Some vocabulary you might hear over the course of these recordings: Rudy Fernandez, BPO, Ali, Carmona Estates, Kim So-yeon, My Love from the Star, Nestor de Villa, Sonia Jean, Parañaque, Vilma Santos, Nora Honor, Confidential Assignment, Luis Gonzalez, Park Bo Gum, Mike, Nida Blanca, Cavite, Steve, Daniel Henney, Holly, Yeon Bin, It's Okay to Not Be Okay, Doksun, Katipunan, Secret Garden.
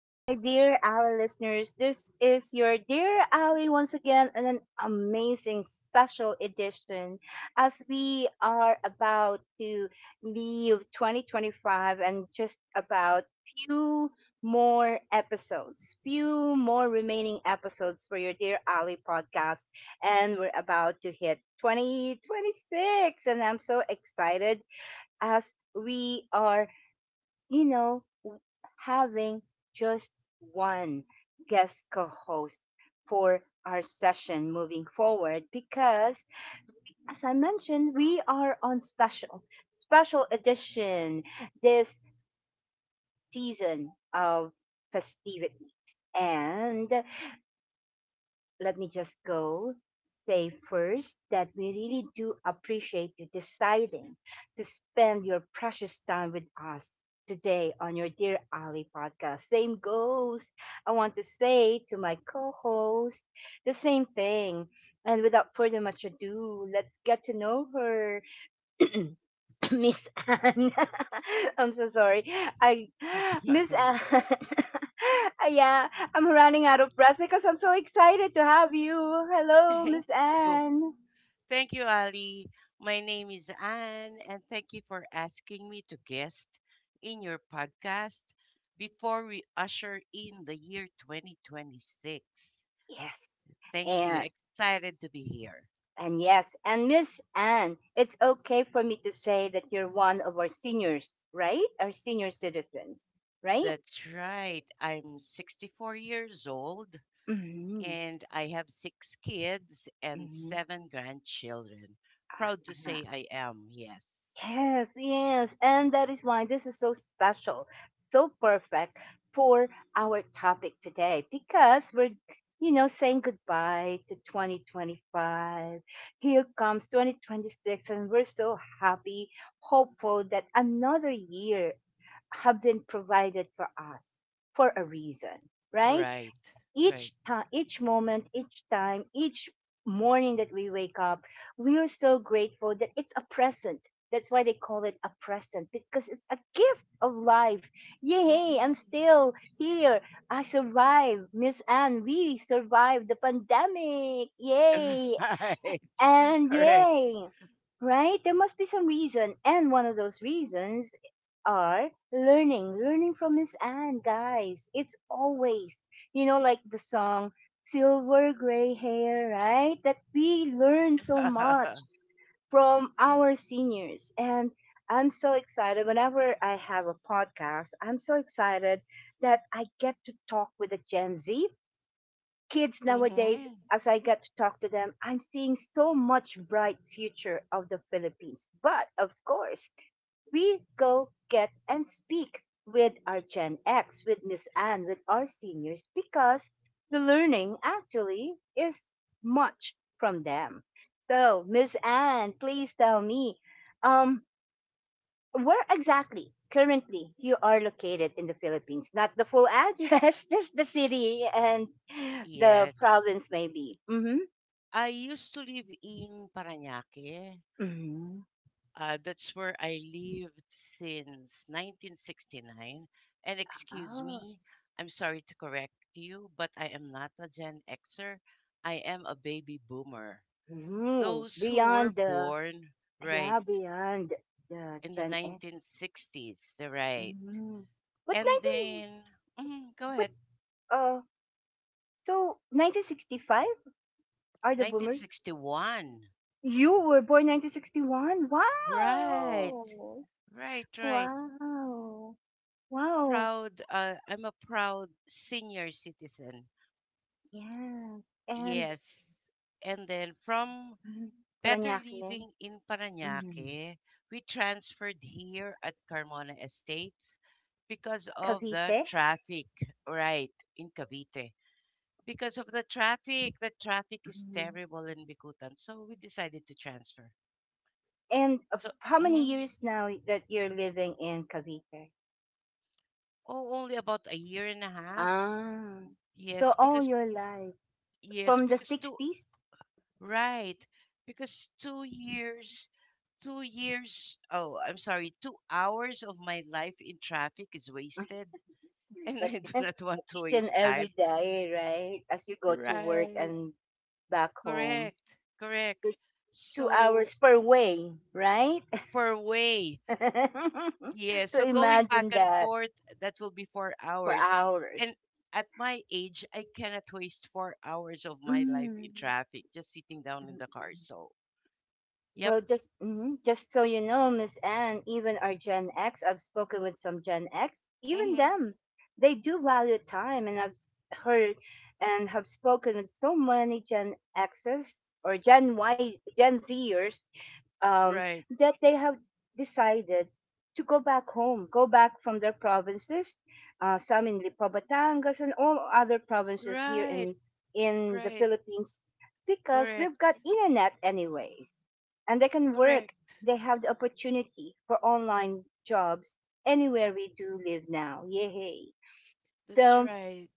yay, my dear Ali listeners. This is your dear Ali once again in an amazing special edition as we are about to leave 2025 and just about few more remaining episodes for your dear Ali podcast. And we're about to hit 2026. And I'm so excited as we are you know, w- having just one guest co host for our session moving forward because, as I mentioned, we are on special edition this season of festivities. And let me just go say first that we really do appreciate you deciding to spend your precious time with us today on your Dear Ali podcast. Same goes. I want to say to my co host the same thing. And without further much ado, let's get to know her. Miss Anne. I'm so sorry. I That's Miss fine. Anne. Yeah, I'm running out of breath because I'm so excited to have you. Hello, Thank Miss you. Anne. Thank you, Ali. My name is Anne, and thank you for asking me to guest in your podcast before we usher in the year 2026. Yes. Thank you. And Excited to be here. and yes, and Miss Anne, it's okay for me to say that you're one of our seniors, right? Our senior citizens, right? That's right. I'm 64 years old Mm-hmm. and I have six kids and seven grandchildren. Proud to Mm-hmm. say I am, yes. Yes, yes. And that is why this is so special, so perfect for our topic today because we're, saying goodbye to 2025. Here comes 2026, and we're so happy, hopeful that another year have been provided for us for a reason, right? Right, right. Each time, each moment, each time, each morning that we wake up, we are so grateful that it's a present. That's why they call it a present because it's a gift of life. Yay, I'm Mhm. still here. I survived. Miss Anne, we survived the pandemic. Yay. Right. And Correct. yay! Right? There must be some reason. And one of those reasons are learning. Learning from Miss Anne, guys. It's always, you know, like the song Silver Gray Hair, right? That we learn so much from our seniors. And I'm so excited. Whenever I have a podcast, I'm so excited that I get to talk with a Gen Z kids nowadays, Hmm. as I get to talk to them, I'm seeing so much bright future of the Philippines. But of course, we go get and speak with our Gen X, with Miss Anne, with our seniors, because the learning actually is much from them. So, Miss Anne, please tell me, um, where exactly currently you are located in the Philippines? Not the full address, just the city and the Yes. province, maybe. Mm-hmm. I used to live in Parañaque. Mm-hmm. That's where I lived since 1969. And excuse Oh, me, I'm sorry to correct you, but I am not a Gen Xer. I am a baby boomer. Those who were beyond the born, right, yeah, beyond the in the Gen X. 1960s, right. Mm-hmm. But And nineteen, then, mhm, go but ahead, uh, so 1965 are the boomers. 1961. You were born 1961. Right, Wow, right, right. wow, wow. Proud, I'm a proud senior citizen. Yeah. And Yes. And then from Mhm. Better Parañaque, Living in Mhm. Paranaque, we transferred here at Carmona Estates because of the Cavite. traffic, right, in Cavite. Because of the traffic, is Mhm. terrible in Bicutan. So we decided to transfer. And of So, how many mhm, years now that you're living in Cavite? oh, only about a year and a half. Ah, so Yes, all because your life Yes, from the because two 60s? Right. Because two years, oh, I'm sorry, 2 hours of my life in traffic is wasted. And I do not want to Each and waste every time. day, right? As you go to work Right. and back home. Correct. Correct. So two So hours per way, right? per way. Yeah. So So going back imagine and that forth, that will be four for hours. hours. And at my age, I cannot waste 4 hours of my life Mm. in traffic just sitting down in the car. So, yep. Well, just mhm, just so you know, Miss Anne, even our Gen X, I've spoken with some Gen X, even Hmm. them, they do value time, and I've heard and have spoken with so many Gen Xs or Gen Y, Gen Zers, um, Right. that they have decided to go back home, go back from their provinces, some in Lipo, Batangas, and all other provinces here Right. In the Right. Philippines, because we've got Correct. internet anyways and they can work. Correct. They have the opportunity for online jobs anywhere we do live now. Yay! That's So right.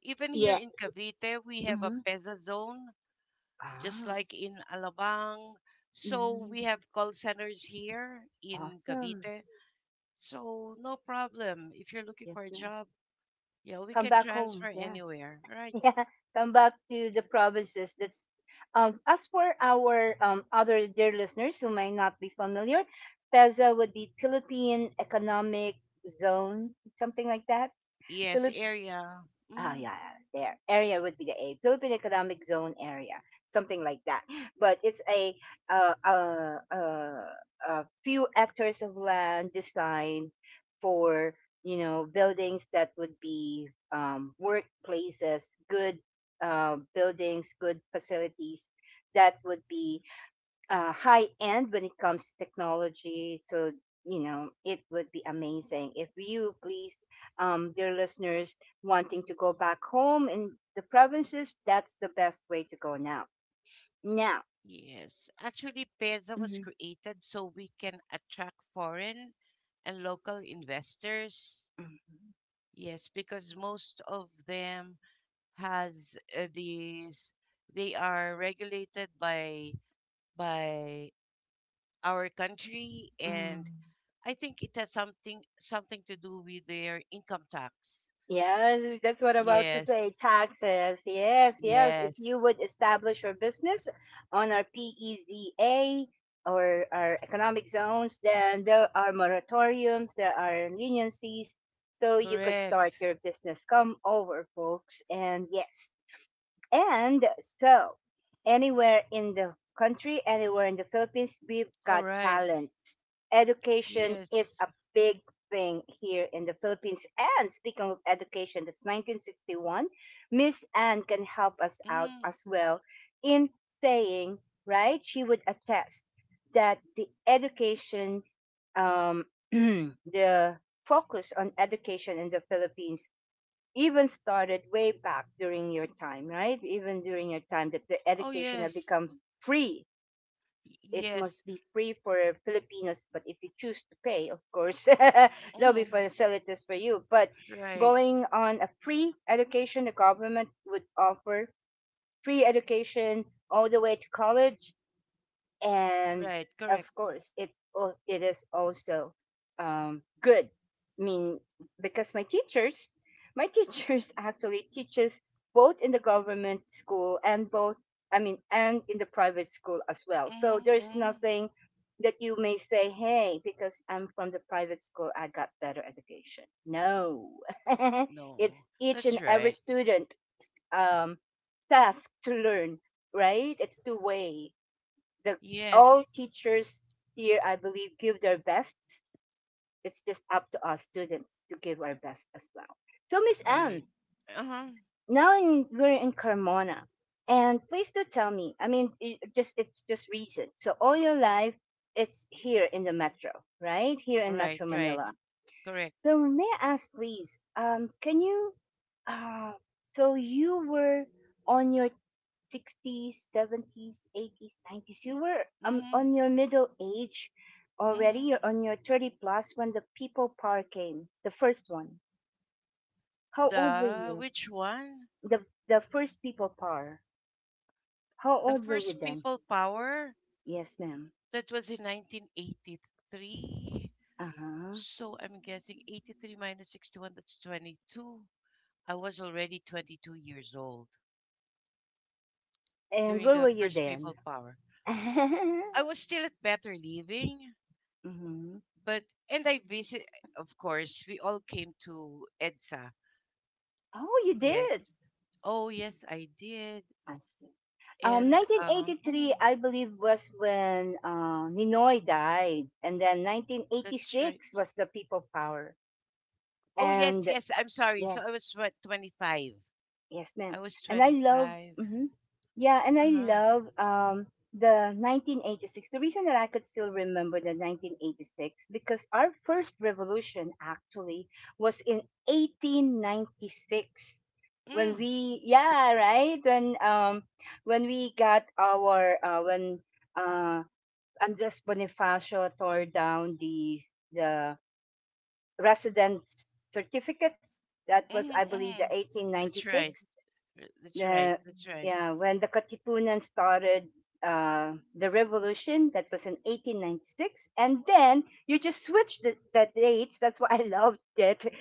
Even here yeah. in Cavite, we have a Hmm. PESA zone, just Ah. like in Alabang. So Hmm. we have call centers here in Awesome. Cavite. So no problem. If you're looking Yes, for a ma'am. job, yeah, we Come can back home. transfer Yeah. anywhere, right? Yeah. Come back to the provinces. That's as for our other dear listeners who may not be familiar, PEZA would be Philippine Economic Zone, something like that. Yes, area. Ah, Mm, yeah, yeah, there. Area would be the A, Philippine Economic Zone area, something like that. But it's uh, uh, uh, a few hectares of land designed for you know buildings that would be workplaces, good buildings, good facilities that would be high end when it comes to technology. So, you know, it would be amazing if you, please, dear listeners, wanting to go back home in the provinces, that's the best way to go Now. yes. Actually, PESA was Mhm, created so we can attract foreign and local investors. mhm, Yes, because most of them has these they are regulated by by our country, mhm. and I think it has something to do with their income tax. Yes, that's what I'm about to say. Yes. Taxes. Yes, yes. If Yes. you would establish your business on our PEZA or our economic zones, then there are moratoriums, there are leniencies, so you could start Correct. your business. Come over, folks. And yes, and so, anywhere in the country, anywhere in the Philippines, we've All got right. talents. Education is Yes. a big thing here in the Philippines. And speaking of education, that's 1961. Miss Anne can help us out Mm. as well in saying, right? She would attest that the education, um, the focus on education in the Philippines even started way back during your time, right? Even during your time that the Oh education had yes. becomes free. Y- It yes must be free for Filipinos, but if you choose to pay, of course, they'll be Mm. facilities for you. But Right. going on a free education, the government would offer free education all the way to college and Right. of Correct. course it is also good. i mean because my teachers actually teaches both in the government school and both I mean and in the private school as well. So Mm-hmm, there's mm. nothing that you may say, hey, because I'm from the private school I got better education. No. No. It's each That's and every right. student um, task to learn, right? It's two way. The Yes. All teachers here I believe give their best. It's just up to us students to give our best as well. So Miss Right. Anne, Uh-huh. We're in Carmona and please do tell me, I mean it just, it's just recent, so all your life it's here in the metro, right, here in Right. Metro Right. Manila. Correct. So may I ask, please? Can you? Uh, so you were on your sixties, seventies, eighties, nineties. You were Hmm. on your middle age already. Hmm. You're on your 30 plus when the People Power came, the first one. How old were The you? which one? The first People Power. How The old were you first then? People Power, Yes, ma'am. that was in 1983. Uh huh. So I'm guessing 83 minus 61, that's 22. I was already 22 years old And during where the were you first People then? Power. I was still at Better Living, Hmm. but and I visit. Of course, we all came to EDSA. Oh, you Yes. did. Oh yes, I did. I see. And 1983, I believe, was when Ninoy died, and then that's right. 1986 was the People Power. Oh, yes, And yes. I'm sorry. So I yes, was what, 25. yes, ma'am. I was And 25. mhm. Yeah, and I Uh-huh. love the 1986. The reason that I could still remember the 1986 because our first revolution actually was in 1896. When Mm. we yeah right when we got our when uh Andres Bonifacio tore down the the residence certificates, that was Hmm. I believe the Hmm. That's right. 1896. That's right. The That's right. yeah When the Katipunan started the revolution, that was in 1896, and then you just switched the dates. That's why I loved it.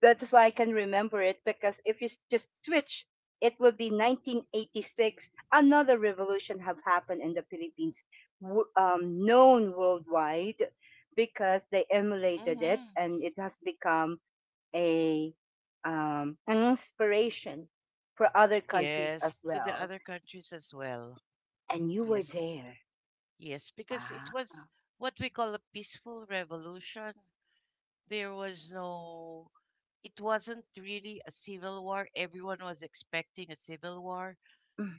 That's why I can remember it, because if you just switch it would be 1986, another revolution have happened in the Philippines, known worldwide because they emulated it Mm-hmm. and it has become a an inspiration for other countries Yes, as to the well. other countries as well. And you were Yes, there. yes, because it Wow. was what we call a peaceful revolution. There was no, it wasn't really a civil war. Everyone was expecting a civil war,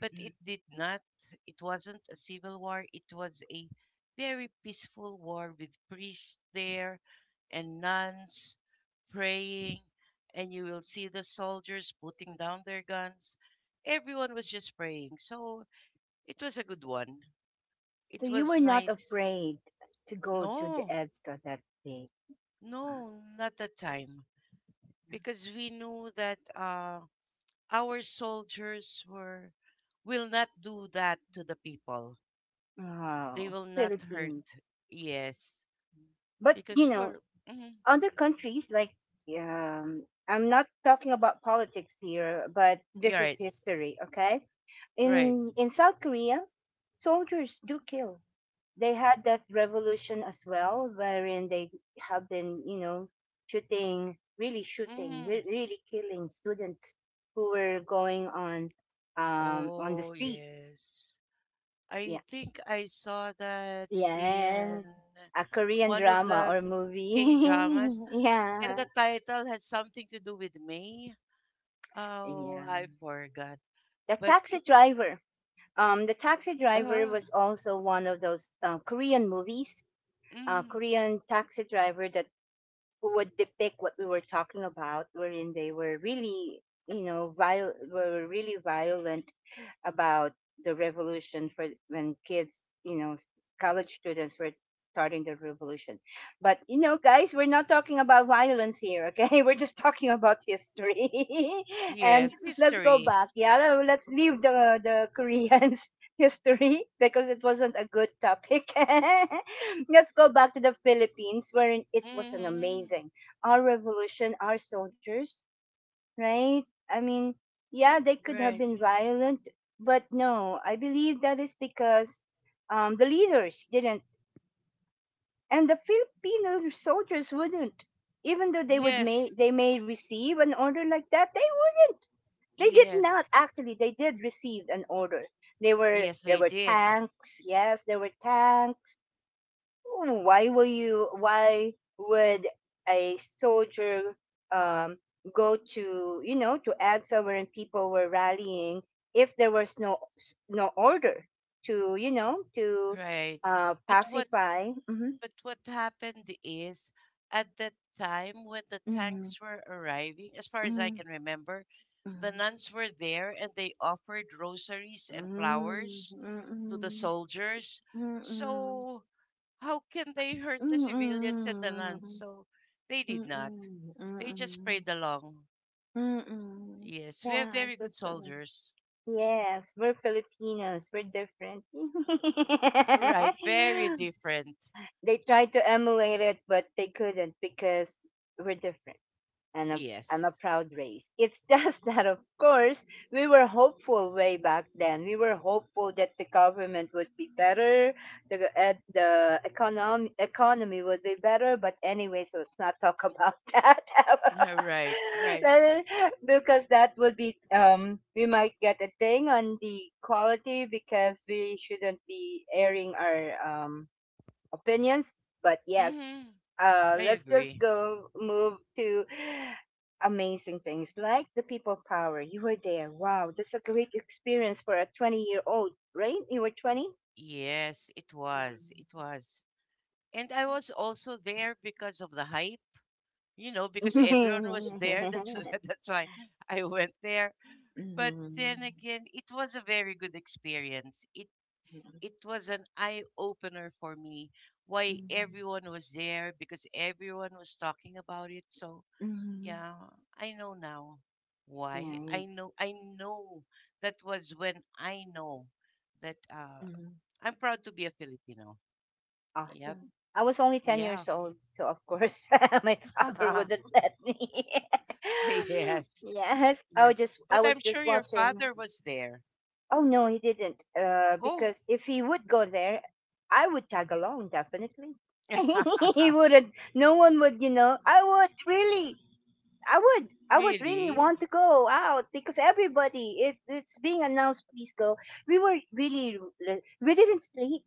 but it did not. It wasn't a civil war. It was a very peaceful war with priests there and nuns praying. And you will see the soldiers putting down their guns. Everyone was just praying. So it was a good one. So It you was were not nice. afraid to go to the No, EDSA that day. no, not that time. Because we knew that our soldiers were will not do that to the people. They Wow, will not Philippines. hurt. Yes, But you because know, we're mm, other countries like I'm not talking about politics here, but this you're is right, history. Okay, you're right. In South Korea, soldiers do kill. They had that revolution as well, wherein they have been, you know, really shooting, Mm. really killing students who were going on the Oh streets. yes, Yeah, I think I saw that in yes, a Korean one of drama the or K movie. dramas, and Yeah, the title has something to do with May. Oh, yeah. I forgot. The But Taxi it, Driver. The Taxi Driver uh, was also one of those Korean movies. Mm, Korean Taxi Driver that who would depict what we were talking about, wherein they were really, you know, were really violent about the revolution for when kids, you know, college students were starting the revolution. But you know, guys, we're not talking about violence here, okay? We're just talking about history. And yes, let's go history. back. Yeah, let's leave the Koreans history because it wasn't a good topic. Let's go back to the Philippines wherein it was an Hmm. amazing, our revolution, our soldiers, right? I mean, yeah, they could have Right. been violent, but no, I believe that is because the leaders didn't, and the Filipino soldiers wouldn't. Even though Yes, they may receive an order like that, they wouldn't. They did not yes, actually. They did receive an order. They were yes, There they were did. tanks. Yes, there were tanks. Mm, why will you Why would a soldier um, go to you know to Agsa when people were rallying if there was no order to you know to Right. But what pacify. Mm-hmm. But what happened is at that time when the mm-hmm, tanks were arriving, as far as I can remember, the mm-hmm, nuns were there and they offered rosaries and mm-hmm, flowers mm-hmm, to the soldiers. So how can they hurt the civilians and the nuns? mm-hmm, So they did mm-hmm, not. mm-hmm, They just mm-hmm, prayed along. hmm. Yes, we have Yeah, it very good was soldiers. yes, we're Filipinos. We're different. Right, very different. They tried to emulate it, but they couldn't because we're different and a, and a Yes. proud race. It's just that, of course, we were hopeful way back then. We were hopeful that the government would be better, the economy would be better. But anyway, so let's not talk about that. Right, right. Then, because that would be we might get a thing on the quality because we shouldn't be airing our opinions, but yes, Hmm. I let's just agree. go move to amazing things like the people power. You were there. Wow, that's a great experience for a 20-year old, right? You were 20. Yes, it was. It was. And I was also there because of the hype, because everyone was there. That's that's why I went there. But Mhm. then again, it was a very good experience. It was an eye opener for me why Mhm. everyone was there because everyone was talking about it. So, Mhm. yeah, I know now why. Nice. I know that was when I know that Mm-hmm. I'm proud to be a Filipino. Yep. Awesome. I was only 10 Yeah. years old, so of course my father wouldn't let me. Yes. Yes, Yes. I But was I'm sure just your watching. father was there. Oh no, he didn't. Oh, Because if he would go there, I would tag along definitely. He wouldn't. No one would, I would really. I would really really? want to go out because everybody. It's being announced. Please go. We were really. We didn't sleep.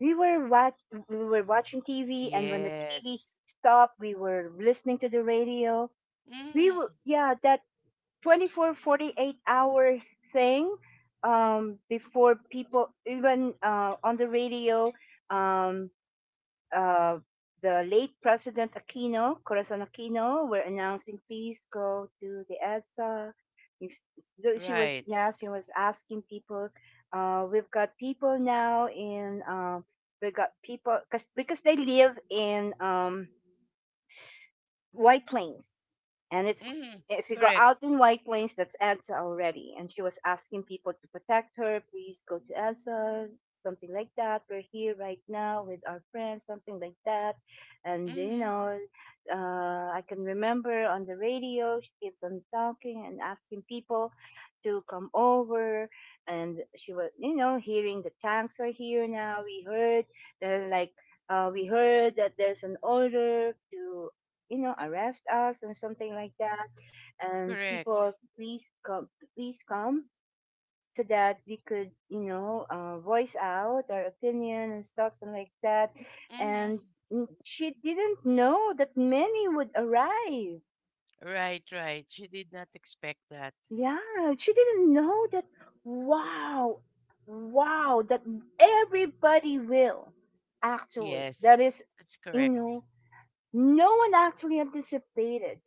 We were watch we were watching TV, and when the TV Yes. stopped, we were listening to the radio. We were, Mm, yeah, that 24 48 hour thing, before people even, on the radio. Um, uh, the late President Aquino, Corazon Aquino, were announcing, please go to the EDSA. It's- though She right. was, yeah, she was asking people, we've got people now in, we got people, because they live in, White Plains. And it's, Mm, if you go correct. out in White Plains, that's Ansa already. And she was asking people to protect her. Please go to Ansa, something like that. We're here right now with our friends, something like that. And Mm, I can remember on the radio, she keeps on talking and asking people to come over. And she was, you know, hearing the tanks are here now. We heard, uh, like, we heard that there's an order to, you know, arrest us and something like that, and correct. people, please come, please come, so that we could, you know, voice out our opinion and stuff and like that. Mm, And she didn't know that many would arrive. right, right. She did not expect that. Yeah, she didn't know that. Wow. Wow, that everybody will, actually, that Yes, is, that's you correct. know, no one actually anticipated.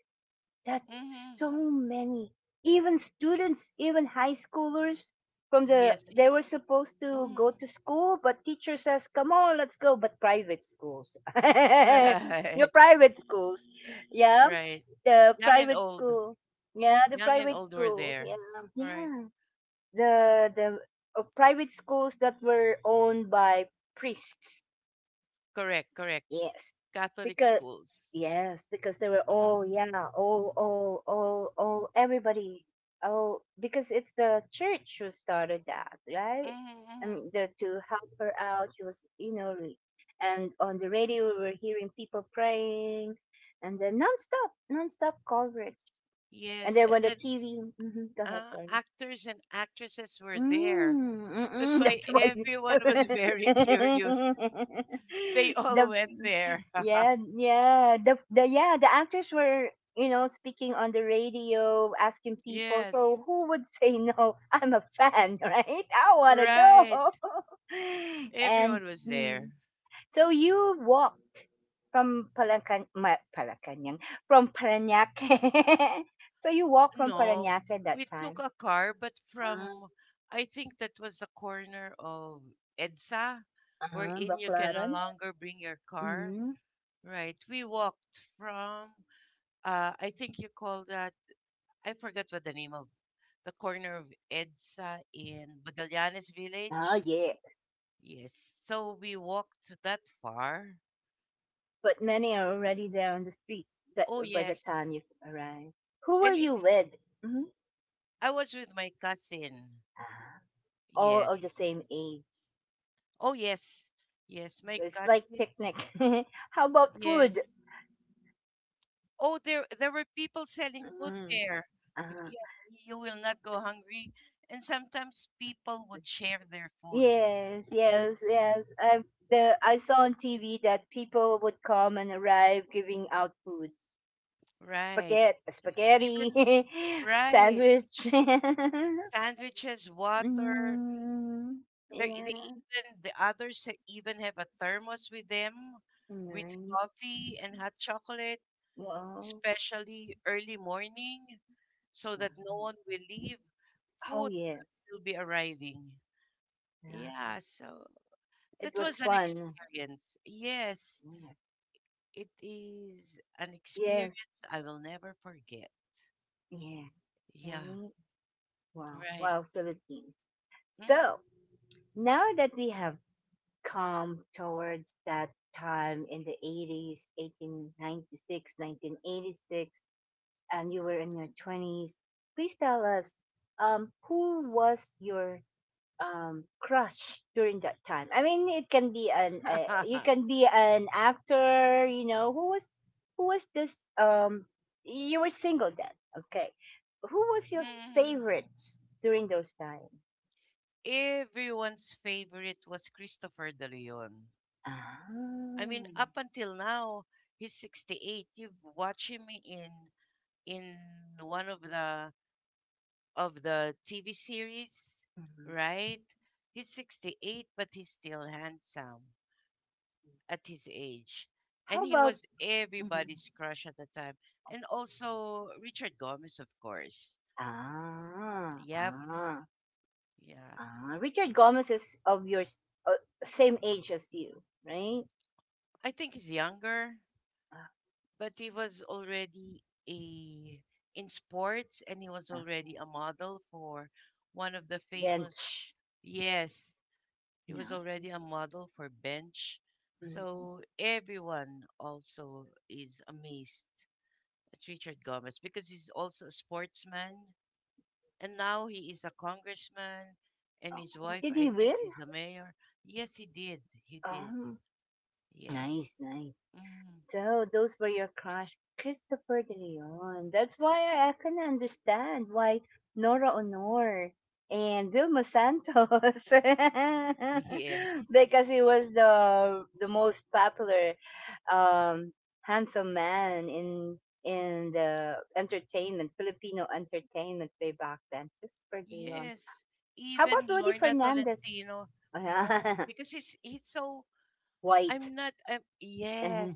That's Mm, so many. Even students, even high schoolers, from the yes. They were supposed to go Mm, to school, but teacher says, "Come on, let's go." But private schools, your right, private schools, yeah, right. the Young and private old. school, yeah, the Young and private old were school, yeah, there. Right. yeah, the private schools that were owned by priests. Correct, correct. Yes. Catholic Because, schools. yes, because they were Mm, all, yeah, all everybody. Oh, because it's the church who started that, right? mhm, mhm. The, to help her out, she was, you know, and on the radio we were hearing people praying, and then nonstop nonstop coverage. And Yes, then when and the then TV, mhm, go ahead, sorry. actors and actresses were there. Mm, That's mm, why that's everyone why. was very curious. They all the went there. the the actors were, you know, speaking on the radio asking people, so Yes, who would say no? I'm a fan. Right, I want to go. right. And Everyone was there. so you walked from Palacanyang, from Paranaque. So you walked from No, Paranaque we that took time? a car, but Ah, from, I think that was the corner of EDSA, uh-huh, wherein you can no Baclaran. longer bring your car. Mm-hmm. Right. We walked from, I think you call that, I forgot what the name of the corner of EDSA in Bagallanes Oh, Village. yes. Yes. So we walked that far. But many are already there on the streets that, Oh by the yes. time you arrive. Who And are it you with? Hmm. I was with my cousin. Ah, all Yes. of the same age. Oh yes. Yes, my It's like cousins. picnic. How about Yes. food? Oh there were people selling food Mm, there. ah, Yeah, you will not go hungry. And sometimes people would share their food. yes, yes, yes. I saw on TV that people would come and arrive giving out food. Right. Spaghetti, E- Even spaghetti, right. sandwich. Sandwiches, water. Mm, They, yeah, they even even have a thermos with them, with nice. coffee and hot chocolate, Wow. especially early morning, so that no one will leave. Oh Food yes. will be arriving. Yeah. Yeah, so It that was was an fun. experience. Yes, Yeah. it is an Yes. experience I will never forget. Yeah. Yeah, Right. Wow. right. Wow, Philippines. Mm. So now that we have come towards that time in the 80s, six, 1986, and you were in your 20s, please tell us, who was your crush during that time? I mean, it can be an you can be an actor, you know. Who was, who was this you were single then, okay, who was your favorites during those times? Everyone's favorite was Christopher De Leon. Ah, I mean, up until now, he's 68. You've watched him in one of the TV series, mhm. right? He's 68, but he's still handsome at his age. How And he about was hmm? everybody's crush at the time. And also Richard Gomez, of course. Ah, Yep, ah. yeah. Ah, Richard Gomez is of your same age as you, right? I think he's younger, but he was already a in sports, and he was Ah, already ah. a model for one of the Then famous, yes, he was yeah, already a model for Bench. mhm. So everyone also is amazed at Richard Gomez because he's also a sportsman, and now he is a congressman, and his Oh, wife, did I he think, win? is a mayor. Yes, he did. He did. Um, Yes. Nice, nice. Mm, So those were your crush, Christopher De Leon. That's why I can understand why Nora Honor and Vilma Santos, yes. because he was the most popular, um, handsome man in the entertainment, Filipino entertainment way back then. Christopher De Leon. Yes, How about even Rudy Lorna Fernandez? Tolentino. No, because he's so, White. I'm not yes.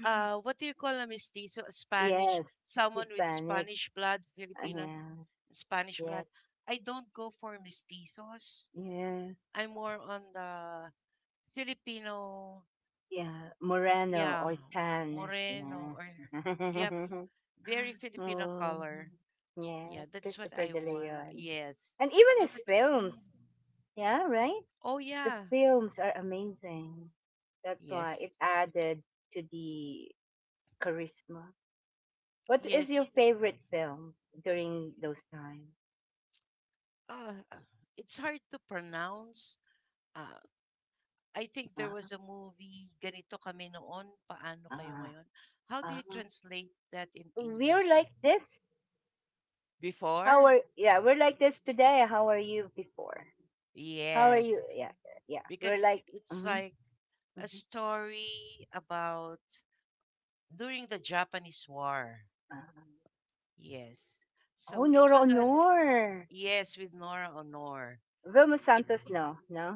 Uh, what do you call a mestizo? A Spanish, Yes, someone with Hispanic. Spanish blood, Filipino. Yeah, Spanish yes, blood. I don't go for mestizos. yes, I'm more on the Filipino, yeah. Moreno yeah, or tan. moreno, or yep, Yeah. very Filipino Oh, color. yeah. Yeah, that's what Christopher I De want. Leon, Yes. and even So his that's films. Yeah, right. oh The yeah. films are amazing. That's why Yes, it added to the charisma. What is yes. your favorite film during those times? Uh, it's hard to pronounce. Uh, I think there was Uh, a movie, Ganito Kami Noon, Paano Kayo uh, Ngayon. How do you uh. translate that in We're English? like this. How Before? are, yeah, we're like this today. How are you before? How are Yes, you? Yeah, yeah. We're because like, it's mm-hmm, like a mm-hmm. story about during the Japanese War. Uh, Yes. So oh, it Nora was a, Honor. yes, with Nora Honor. Vilma It, Santos, no, no.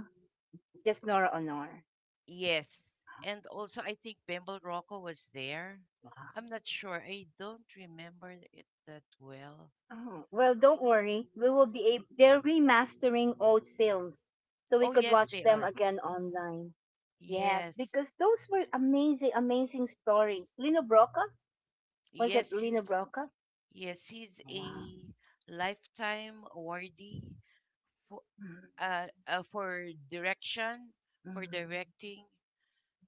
Just Nora Honor. yes. And also I think Bemble Rocco was there. Wow. I'm not sure. I don't remember it that well. Oh, well, don't worry. We will be able, they're remastering old films so Oh we could yes, watch they them are. again online. Yes, Yes. because those were amazing, amazing stories. Lino Broca? Was it Yes, Lino he's, Broca? yes, he's Wow. a lifetime awardee for Mm, uh, uh for direction, for mm, directing.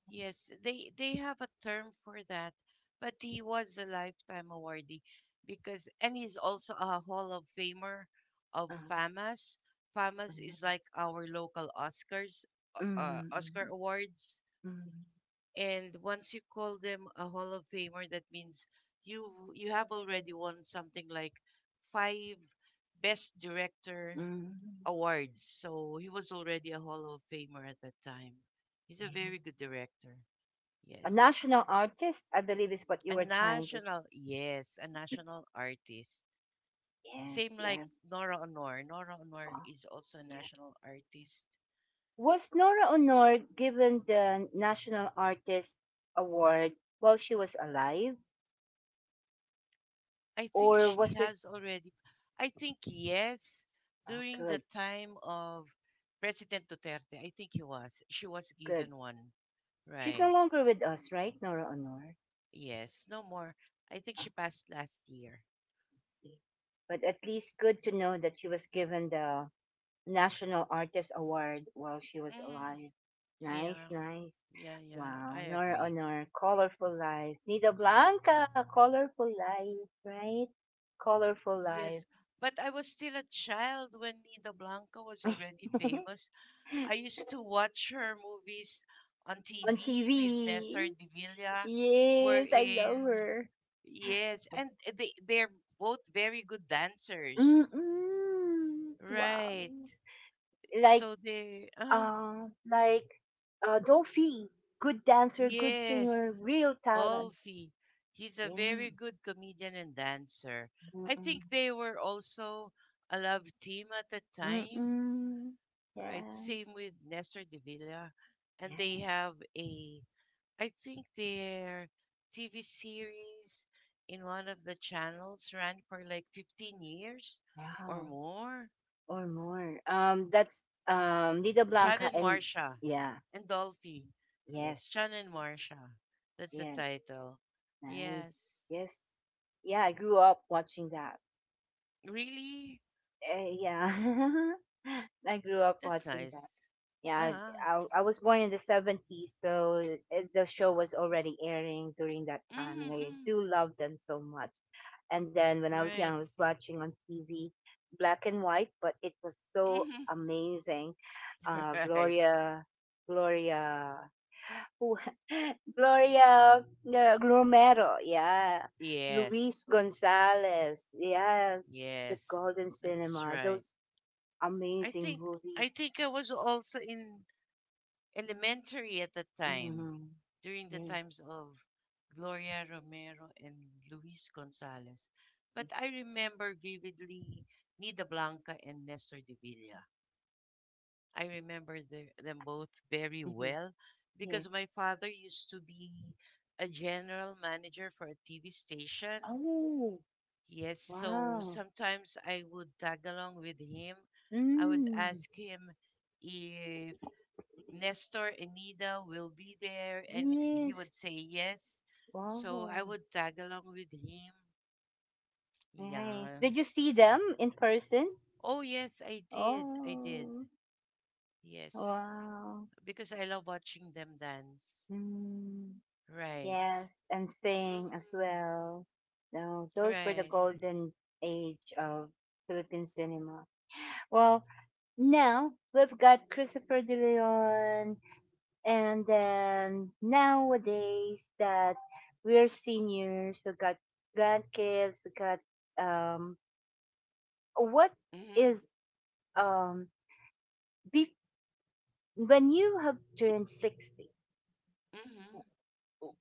Yes, they have a term for that, but he was a lifetime awardee because, and he's also a Hall of Famer of FAMAS. mm, FAMAS is mm, like our local Oscars, mm, Oscar mm. awards. Mm, And once you call them a Hall of Famer, that means you have already won something like five Best Director mm, awards. So he was already a Hall of Famer at that time. He's a yeah. very good director. A Yes, national he's artist, I believe, is what a you were trying to. National, yes, a national artist. Yes, Same like yes, Nora Honor. Nora Honor oh, is also a yes. national artist. Was Nora Honor given the National Artist Award while she was alive, I think or she was it? has already. I think yes, Oh, during the good, time of President Duterte, I think he was, she was good. given one, She's no right? longer with us, right, Nora Honor? Yes, no more. I think Oh, she passed last year. I see. But at least good to know that she was given the National Artist Award while she was Mm, alive. yeah, Nice, nice. yeah, yeah. I Wow, Nora agree. Honor, colorful life. Nida Blanca, colorful life, right? Colorful life. Yes, but I was still a child when Nina Blanca was already famous. I used to watch her movies on On TV with Nestor TV. de Villa, Yes, I love wherein, her. yes, and eh, they're both very good dancers. Mm-mm. Wow. Right. Like, So they uh, like, Dolphy. Good dancer, good yes, singer, real talent. Dolphy. He's a Yeah. very good comedian and dancer. I Mm-mm. think they were also a love team at the time, Mm-mm. right? Yeah. Same with Nestor de Villa. And Yeah. they have a, I think their TV series in one of the channels ran for like 15 years or Wow. more. Or more. That's Nida John Blanca and and, Marsha yeah, and Dolphy. Yes, yes, John and Marsha. That's the yes, title. nice, Yes. yes, yeah. I grew up watching that. Really? Eh, yeah, I grew up That's watching that. nice. Yeah, Ah. I was born in the 70s, so eh, the show was already airing during that time, and I Mm-hmm. do love them so much. And then when I was young, I Right. was watching on TV, black and white, but it was so Hmm. amazing. Right. Gloria. Gloria who? Gloria, Glomero, yeah. Yes. Luis Gonzalez, yes. The Yes. Golden That's Cinema, right. those I amazing think I movies. think I was also in elementary at the time, Mm-hmm. during the Yes. times of Gloria Romero and Luis Gonzalez. But I remember vividly Nida Blanca and Nestor de Villa. I remember them both very Mhm. well because Yes. my father used to be a general manager for a TV station. Oh, Yes, so wow. sometimes I would tag along with him. I would Mm, ask him if Nestor and Nina will be there, and he yes. would say yes. So I Wow. would tag along with him. Nice. Yeah. Did you see them in person? Oh, yes, I did. I did. Oh, Yes. wow. Because I love watching them dance. Mm. Right. Yes, and sing as Mm, well. No, those were the right. golden age of Philippine cinema. Well, now we've got Christopher De Leon, and then nowadays that we're seniors, we've got grandkids, we got um, what Mm-hmm. is um, bef- when you have turned 60, Mm-hmm.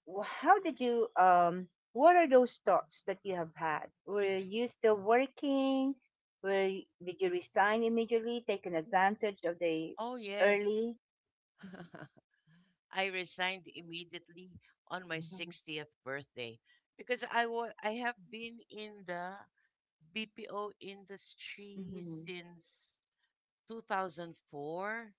how did you what are those thoughts that you have had? Were you still working? Did you resign immediately, taking advantage of the Oh, yes. early? I resigned immediately on my Hmm, 60th birthday because I have been in the BPO industry mm-hmm. since 2004,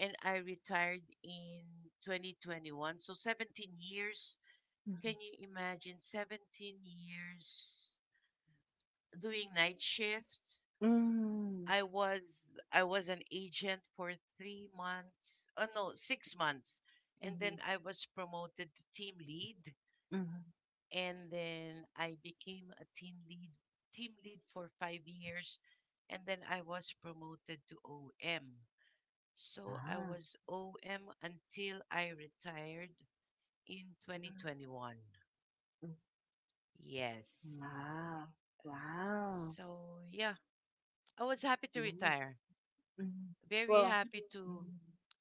and I retired in 2021. So 17 years. Can you imagine 17 years doing night shifts? Hmm. I was I was an agent for 3 months. Oh no, 6 months. And then Hmm. I was promoted to team lead, Mm-hmm. and then I became a team lead for 5 years, and then I was promoted to OM. So I Ah. was OM until I retired in Mhm. 2021. Mm. Yes. Wow. Wow. So yeah, I was happy to Nice. retire. Mm. Very Well, happy mhm.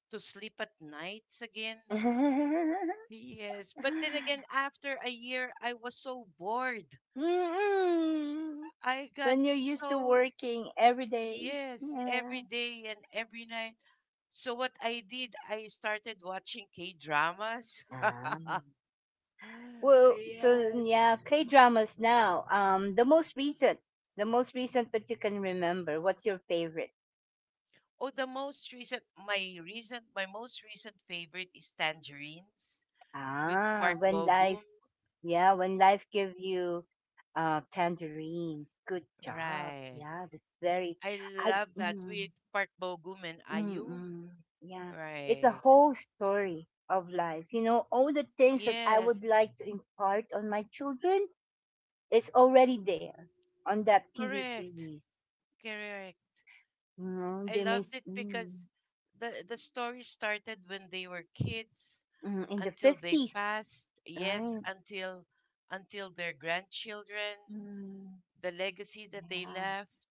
to sleep at nights again. Yes, but then again after a year I was so bored. Mm-mm. I got When you're used to so working every day. Yes, every Yeah. day and every night. So what I did, I started watching K-dramas. Ah. Well, so Yes. yeah, K dramas now. The most recent, the most recent that you can remember. What's your favorite? Oh, the most recent, my most recent favorite is Tangerines with Ah, Park when Bo Gum. life, yeah, when life give you, tangerines. Good job. Right. Yeah, that's very. I I. love that Mm, with Park Bo Gum and mm, Ayu. mm, yeah, it's a Right. whole story of life. You know, all the things that I would Yes. like to impart on my children is already there on that TV Correct. series. Correct. Mm, I loved it mm, because the story started when they were kids mm, in the until they 50s, passed. Right? Until their grandchildren, Mm, the legacy that they yeah. left.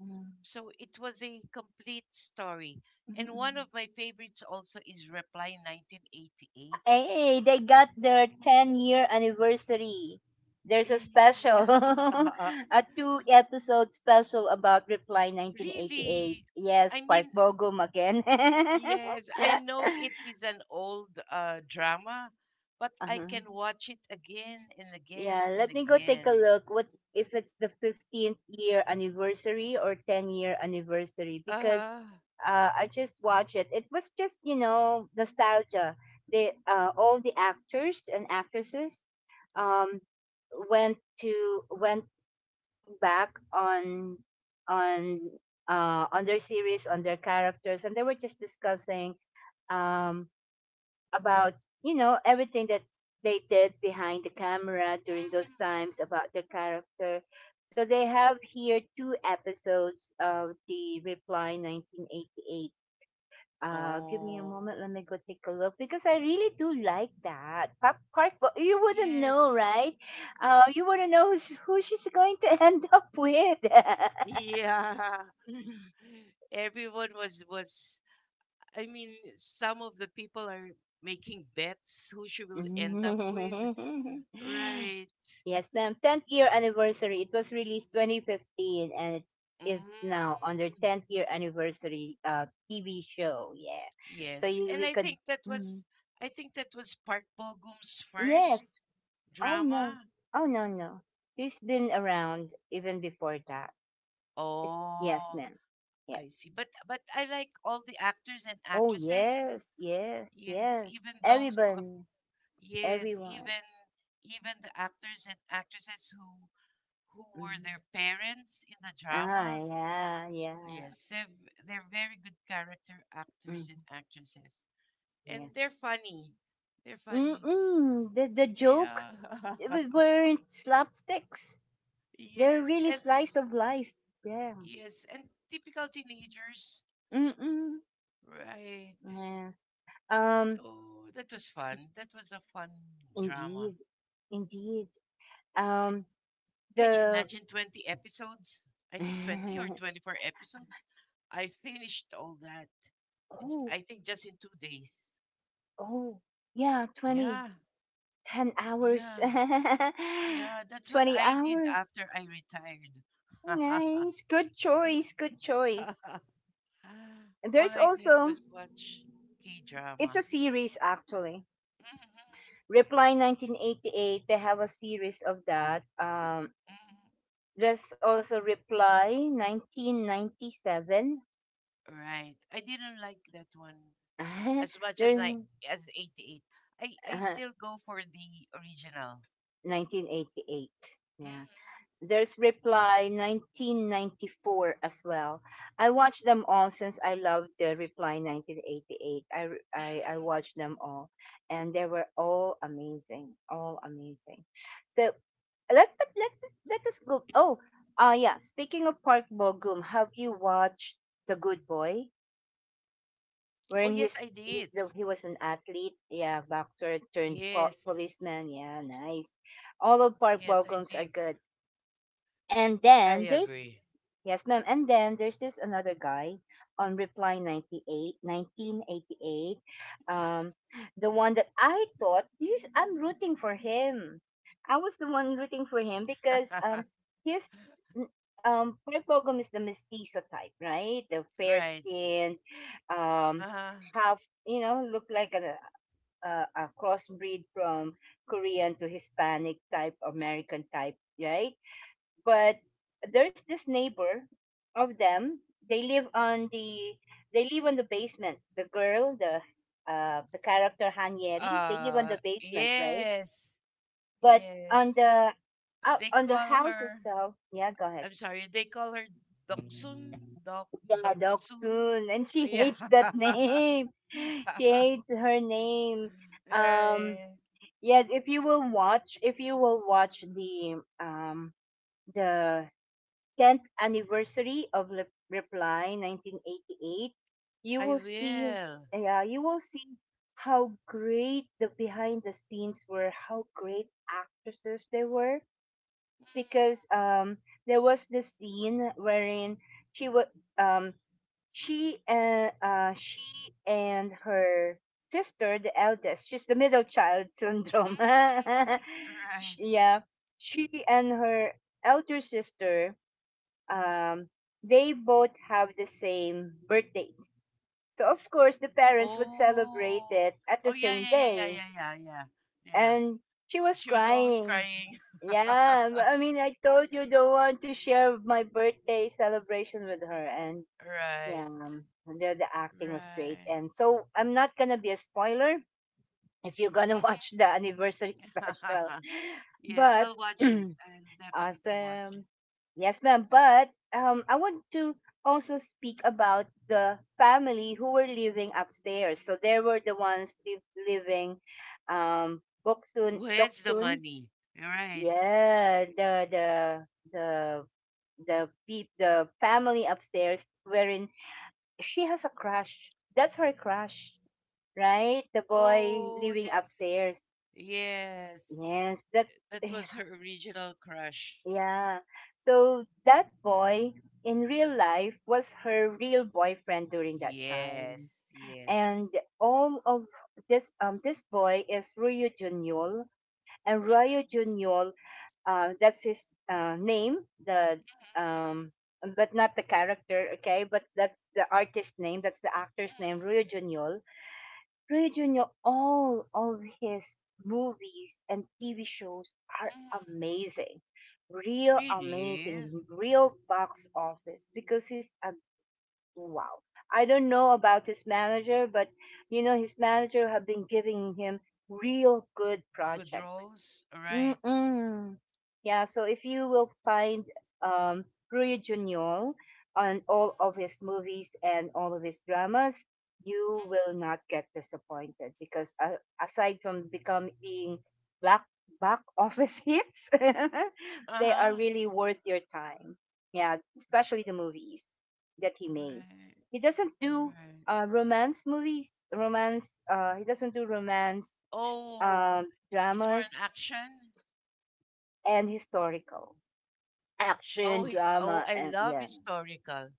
Mm, So it was a complete story. mm, And one mm. of my favorites also is Reply 1988. Hey, they got their 10-year anniversary. There's a special, Yeah. a two episode special about Reply 1988. Really? I Yes, Park mean, Bogum again. Yes, I know it is an old drama, but I Uh-huh. can watch it again and again Yeah, and let me go take a again. look. What's if it's the 15th year anniversary or 10-year anniversary? Because Uh, I just watched it. It was just, you know, nostalgia. They, all the actors and actresses, um, went to, went back on, on on their series, on their characters, and they were just discussing. Um, about, you know, everything that they did behind the camera during those times, about their character. So they have here two episodes of the Reply 1988. Give me a oh, moment, let me go take a look because I really do like that pop Park. But you wouldn't know, yes, right? You wouldn't know who, who she's going to end up with. yeah. Everyone was was. I mean, some of the people are making bets who she will end up with, right? Yes, ma'am. 10th year anniversary. It was released 2015 and it is now on their Mm. 10th year anniversary TV show. Yeah. So Yes, you, and we I could. think that Mhm. was I think that was Park Bo Gum's first Yes. Oh, no. drama. Oh, no, no. He's been around even before that. It's Yes, Oh, ma'am. Yes. I see. But I like all the actors and Oh, actresses. yes. Yes. Yes, Yes. even those who have, Everyone. yes, Everyone. even even the actors and actresses who were Hmm. their parents in the Ah, drama. yeah. Yeah. Yes, they're, they're very good character actors Hmm. and actresses. And they're funny. They're funny. Mm-mm. The joke Yeah. Weren't slapsticks. They're Yes, really and slice of life. Yeah. Yes, and typical teenagers, Mm-mm. right? Yes. Um, So that was fun. That was a fun drama. indeed. Indeed. And Um, can you the, imagine 20 episodes? I think 20 or 24 episodes. I finished all that, oh, I think just in 2 days. oh, yeah, 20, Yeah, 10 hours. yeah, yeah. That's what 20 I did hours. after I retired. Nice. Good choice. Good choice. All there's I did also, was watch K it's drama. a series, actually. Mhm, Reply 1988, they have a series of that. There's also Reply 1997. mhm. Right. I didn't like that one. as much as there's I as 88. I uh, still go for the original. 1988. Yeah. Mm-hmm. There's Reply 1994 as well. I watched them all since I loved the Reply 1988. I Mm-hmm. watched them all, and they were all amazing, all amazing. So let us go. Oh, yeah. Speaking of Park Bo Gum, have you watched The Good Boy? Oh Wherein yes, he's, I he's did. He was an athlete. Yeah. Boxer turned Yes, policeman. Yeah. Nice. All of Park yes, Bo I Gums are did. good. And I then there's agree. Yes, ma'am. And then there's this another guy on Reply 1988. Um, the one that I thought, I'm rooting for him. I was the one rooting for him Mhm. because his, n- Park Bogum is the mestizo type, right? The fair right. skinned, um, Uh-huh. half, look like a, a crossbreed from Korean to Hispanic type, American type, right? But there's this neighbor of them. they live on the they live on the basement. The girl, the character, Hanieri, they live on the basement, right? Yes. But on Yes. the They on the call house her itself. Yeah. Go ahead. I'm sorry, they call her Doksun. Dok Yeah. Dog. Doksun. And she Yeah. hates that name. She hates her name. um Right. yes, if you will watch the the 10th anniversary of Reply 1988, you I will see. will. Yeah, you will see how great the behind the scenes were, how great actresses they were. Because there was this scene wherein she was um she and her sister, the eldest. She's the middle child syndrome. Right. Yeah, she and her elder sister um, they both have the same birthdays. So, of course, the parents would celebrate Oh. it at the Oh yeah, same yeah, yeah, yeah, day. yeah, yeah, yeah. Yeah. And she was She was always crying. crying. Yeah, I mean, I told you, don't want to share my birthday celebration with her. And yeah, Right. The acting was great. Right. And so, I'm not going to be a spoiler if you're going to watch the anniversary special. Yes, But I'll watch it. I'll definitely watch it. awesome. Yes, ma'am. But I want to also speak about the family who were living upstairs. So there were the ones living, Boksun, Who has the Doksun. money? Right. Yeah, the the family upstairs, wherein she has a crush. That's her crush, right? The boy Oh, living yes. upstairs. Yes. Yes, that's That was her original crush. yeah. So that boy in real life was her real boyfriend during that time. Yes, yes. And all of this boy is Ryu Junyol. And Ryu Mhm, Junyol, that's his, name, the mhm, um but not the character, okay, but that's the artist name, that's the actor's mhm, name, Ryu Junyol. All of his movies and TV shows are mhm, mhm. amazing, Really? amazing, real box office, because he's a, wow. I don't know about his manager, but his manager have been giving him real good Good projects. rolls, right? Mm-mm. Yeah, so if you will find, um, Ruy Junior on all of his movies and all of his dramas, you will not get disappointed, because aside from become being black back office hits, they are Uh-huh. really worth your time. Yeah, especially the movies that he made. Right, He doesn't do right. Romance movies, romance. He doesn't do romance Oh, um, he's more in dramas, action. and historical. Oh, Action, oh, drama, I and love yeah, historical.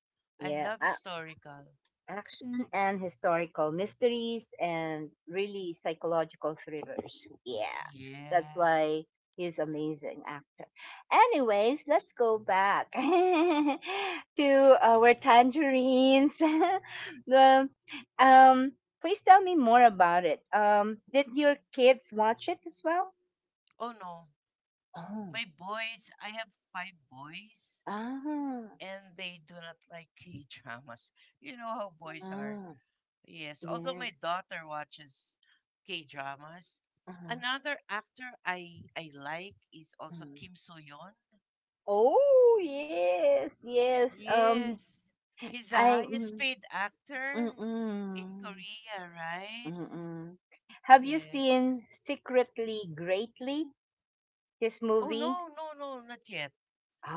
I yeah. love historical. Action and historical mysteries, and really psychological thrillers. Yeah, that's Yes. why he's amazing actor. Anyways, let's go back to our tangerines. the, um, Please tell me more about it. Did your kids watch it as well? Oh no, Oh, my boys, I have five boys, ah, and they do not like K dramas. You know how boys are. ah, Yes, although my yes. daughter watches K-dramas, another actor I like is also Mm. Kim So-yeon. Oh yes, yes. Yes, he's the I highest mm, paid actor in mm-mm, Korea, right? mm-mm. Have you Yes. seen Secretly Greatly? This Oh movie? no, no, no, not yet.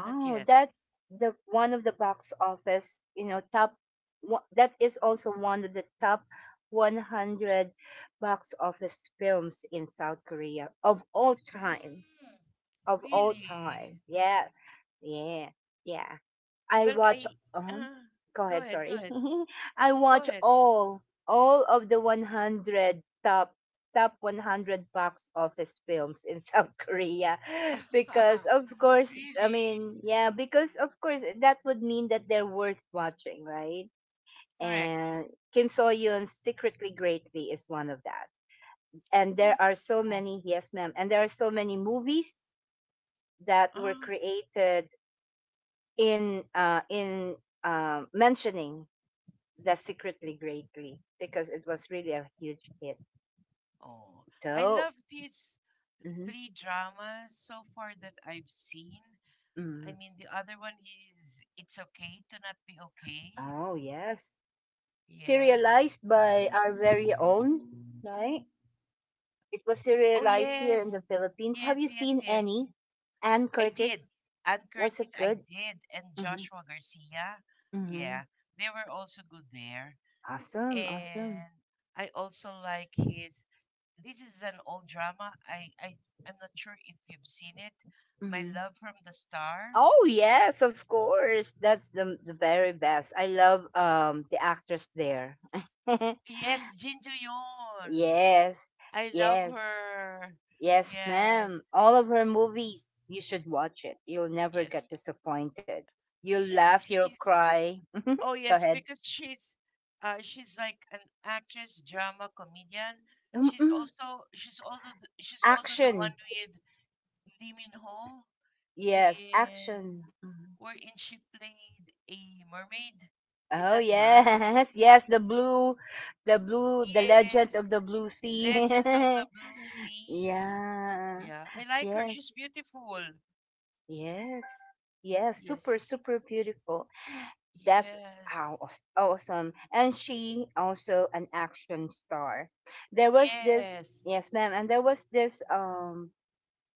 Not yet. that's the one of the box office, top that is also one of the top 100 box office films in South Korea of all time, Mm, of all really? time. Yeah. Yeah, yeah. I Well, watch. I Um, uh, Go go ahead. ahead, go Sorry. ahead. I No, go watch ahead. all of the 100 top 100 box office films in South Korea, because, of course, I Really? mean, yeah, because of course that would mean that they're worth watching, right? Correct. And Kim So Yoon's Secretly Greatly is one of that, and there Oh. are so oh, many. Yes, ma'am. And there are so many movies that were Ah. created in mentioning the secretly greatly, because it was really a huge hit. Oh, I So. love these Mhm. three dramas so far that I've seen. I Mm. mean, the other one is It's Okay to Not Be Okay. Oh yes, Yes. serialized by our very own, right? It was Oh, serialized here in yes. the Philippines. Have Yes, you yes, seen yes. any? Anne I did. Curtis, Ann was Curtis, it I good? did. And Hmm. Joshua Garcia. Hmm. Yeah. They were also good there. Awesome, awesome. And I also like his. This is an old drama. I'm not sure if you've seen it. My Hmm. Love from the Star. Oh yes, of course. That's the very best. I love the actress there. Yes, Jin Joo Yoon. Yes, I love yes, her. yes, Yes, ma'am. All of her movies, you should watch it. You'll never yes, get disappointed. You'll yes. laugh, you'll She's cry. Go oh yes, ahead. because she's like an actress, drama comedian. Mm-mm. She's also she's also the one Action. with Lee Min Ho Yes, in action. Mhm. wherein she played a mermaid. Is Oh that her? yes, yes, the Legend Yes, of the Blue Sea. Legends of the Blue Sea. Yeah. Yeah, I like her. Yes. She's beautiful. Yes. Yes. Super, Yes. super beautiful. Def Yes. How awesome. And she also an action star. There was this. Yes. Yes, ma'am, and there was this, um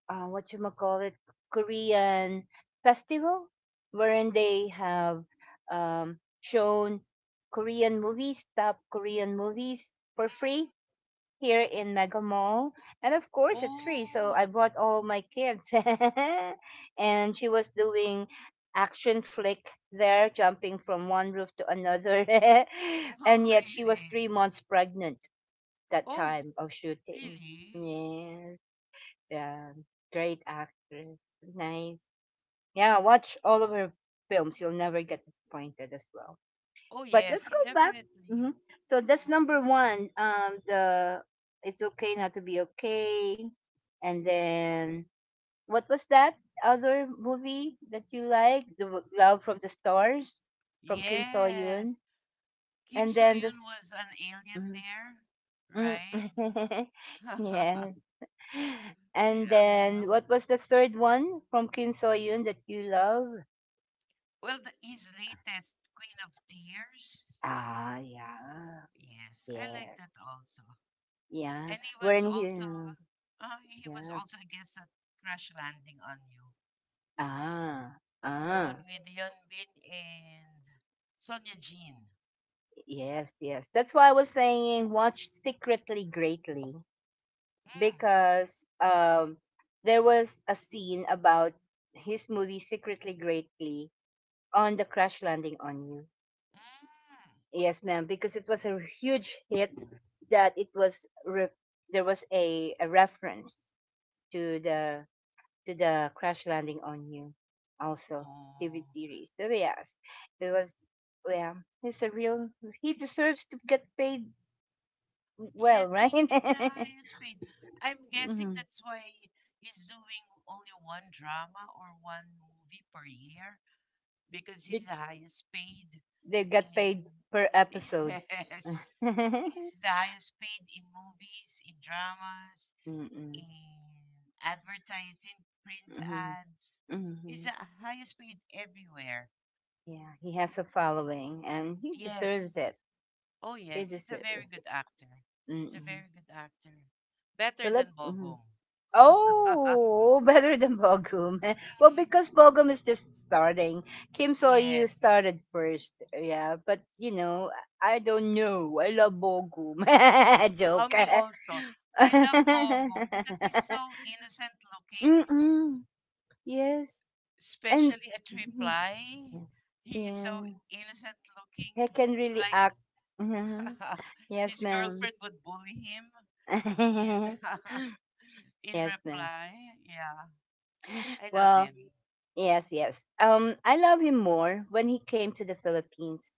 uh, what you call it, Korean festival wherein they have shown Korean movies, top Korean movies for free Mhm. here in Mega Mall. And of course, it's free. So I Oh. brought all my kids. And she was doing action flick there, jumping from one roof to another. And Oh, yet she was really? 3 months pregnant that Oh, time of shooting. really? Yeah. Yeah. Great actress. Nice. Yeah. Watch all of her films. You'll never get disappointed as well, Oh, but let's yes, go back. definitely. Hmm. So that's Mm. number one. The It's Okay Not to Be Okay, and then what was that other movie that you like? The Love from the Stars from Kim So Yoon, Yes. Kim and then the So-yoon was an alien mhm. there, right? Mm. Yeah, and then Yeah. what was the third one from Kim So Yoon that you love? His latest Queen of Tears. Ah, yeah, Yes, I like yes, that also. yeah. And We're in here. He was Yeah. also, I guess, at Crash Landing on You. Ah, The one ah, with Yeon Bin and Sonia Jean. yes, yes. That's why I was saying watch secretly greatly, Mm. because there was a scene about his movie Secretly Greatly on the crash landing on you. Mm. Yes, ma'am, because it was a huge hit that it was there was a reference to the Crash Landing on You, also TV Oh, series. So yes, it was. Well, he's a real. He deserves to get paid yes, well, right? he is the highest paid. I'm guessing Mm-hmm. that's why he's doing only one drama or one movie per year because they, he's the highest paid they got in. paid per episode. Yes, he's the highest paid in movies, in dramas, Mm-mm. in advertising, print Mm-hmm. ads. He's Mm-hmm. the highest paid everywhere. Yeah, he has a following, and he Yes. deserves it. Oh, He yes. He's a very deserves it. good actor. He's a Mm-hmm. very good actor. So Better let. than Mhm. Bogum. Oh, better than Bogum. Well, Mhm. because Bogum is just starting. Kim So you Yes. started first. Yeah, but I don't know. I love Bogum. Oh, Joke. me also. I love Bogum because he's so innocent looking, Mm-mm. Yes. And especially at Mhm. Reply. He is so Yeah, innocent looking, he can really act. like Mhm. Yes, his ma'am. girlfriend would bully him in in Yes, ma'am. Reply. Yeah, I love Well, him. yes, yes. I love him more when he came to the Philippines.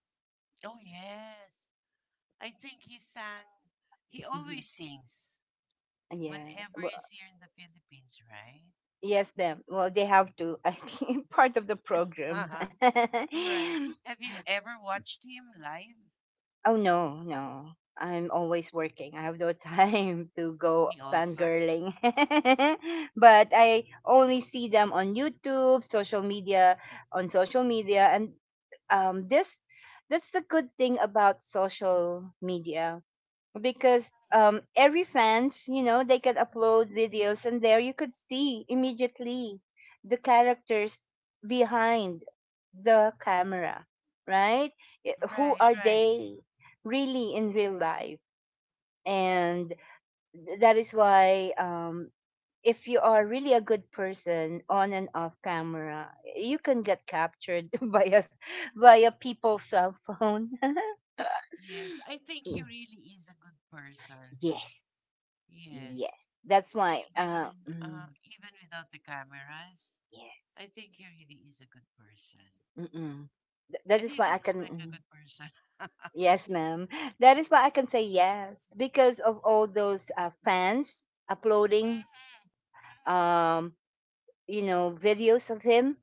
Oh, yes. I think he sang, he Hmm. always sings Yeah. whenever Well, he's here in the Philippines, right? yes, ma'am. Well, they have to. I think part of the program. Right. Have you ever watched him live? Oh no, no. I'm always working. I have no time to go Me also. fangirling. But I only see them on YouTube, social media, and this. That's the good thing about social media, because Mhm. Every fans they could upload videos, and there you could see immediately the characters behind the camera, right? Who Right, are right. they really in real life, and that is why, if you are really a good person on and off camera, you can get captured by a people's cell phone. Yes, I think he Y- really is a good person. yes. Yes, Yes, that's why. Even without the cameras, Yeah, I think he really is a good person, mm-mm. That and is he why looks like a good person. Mhm, Yes, ma'am. That is why I can say yes because of all those, fans uploading, mhm. um, videos of him.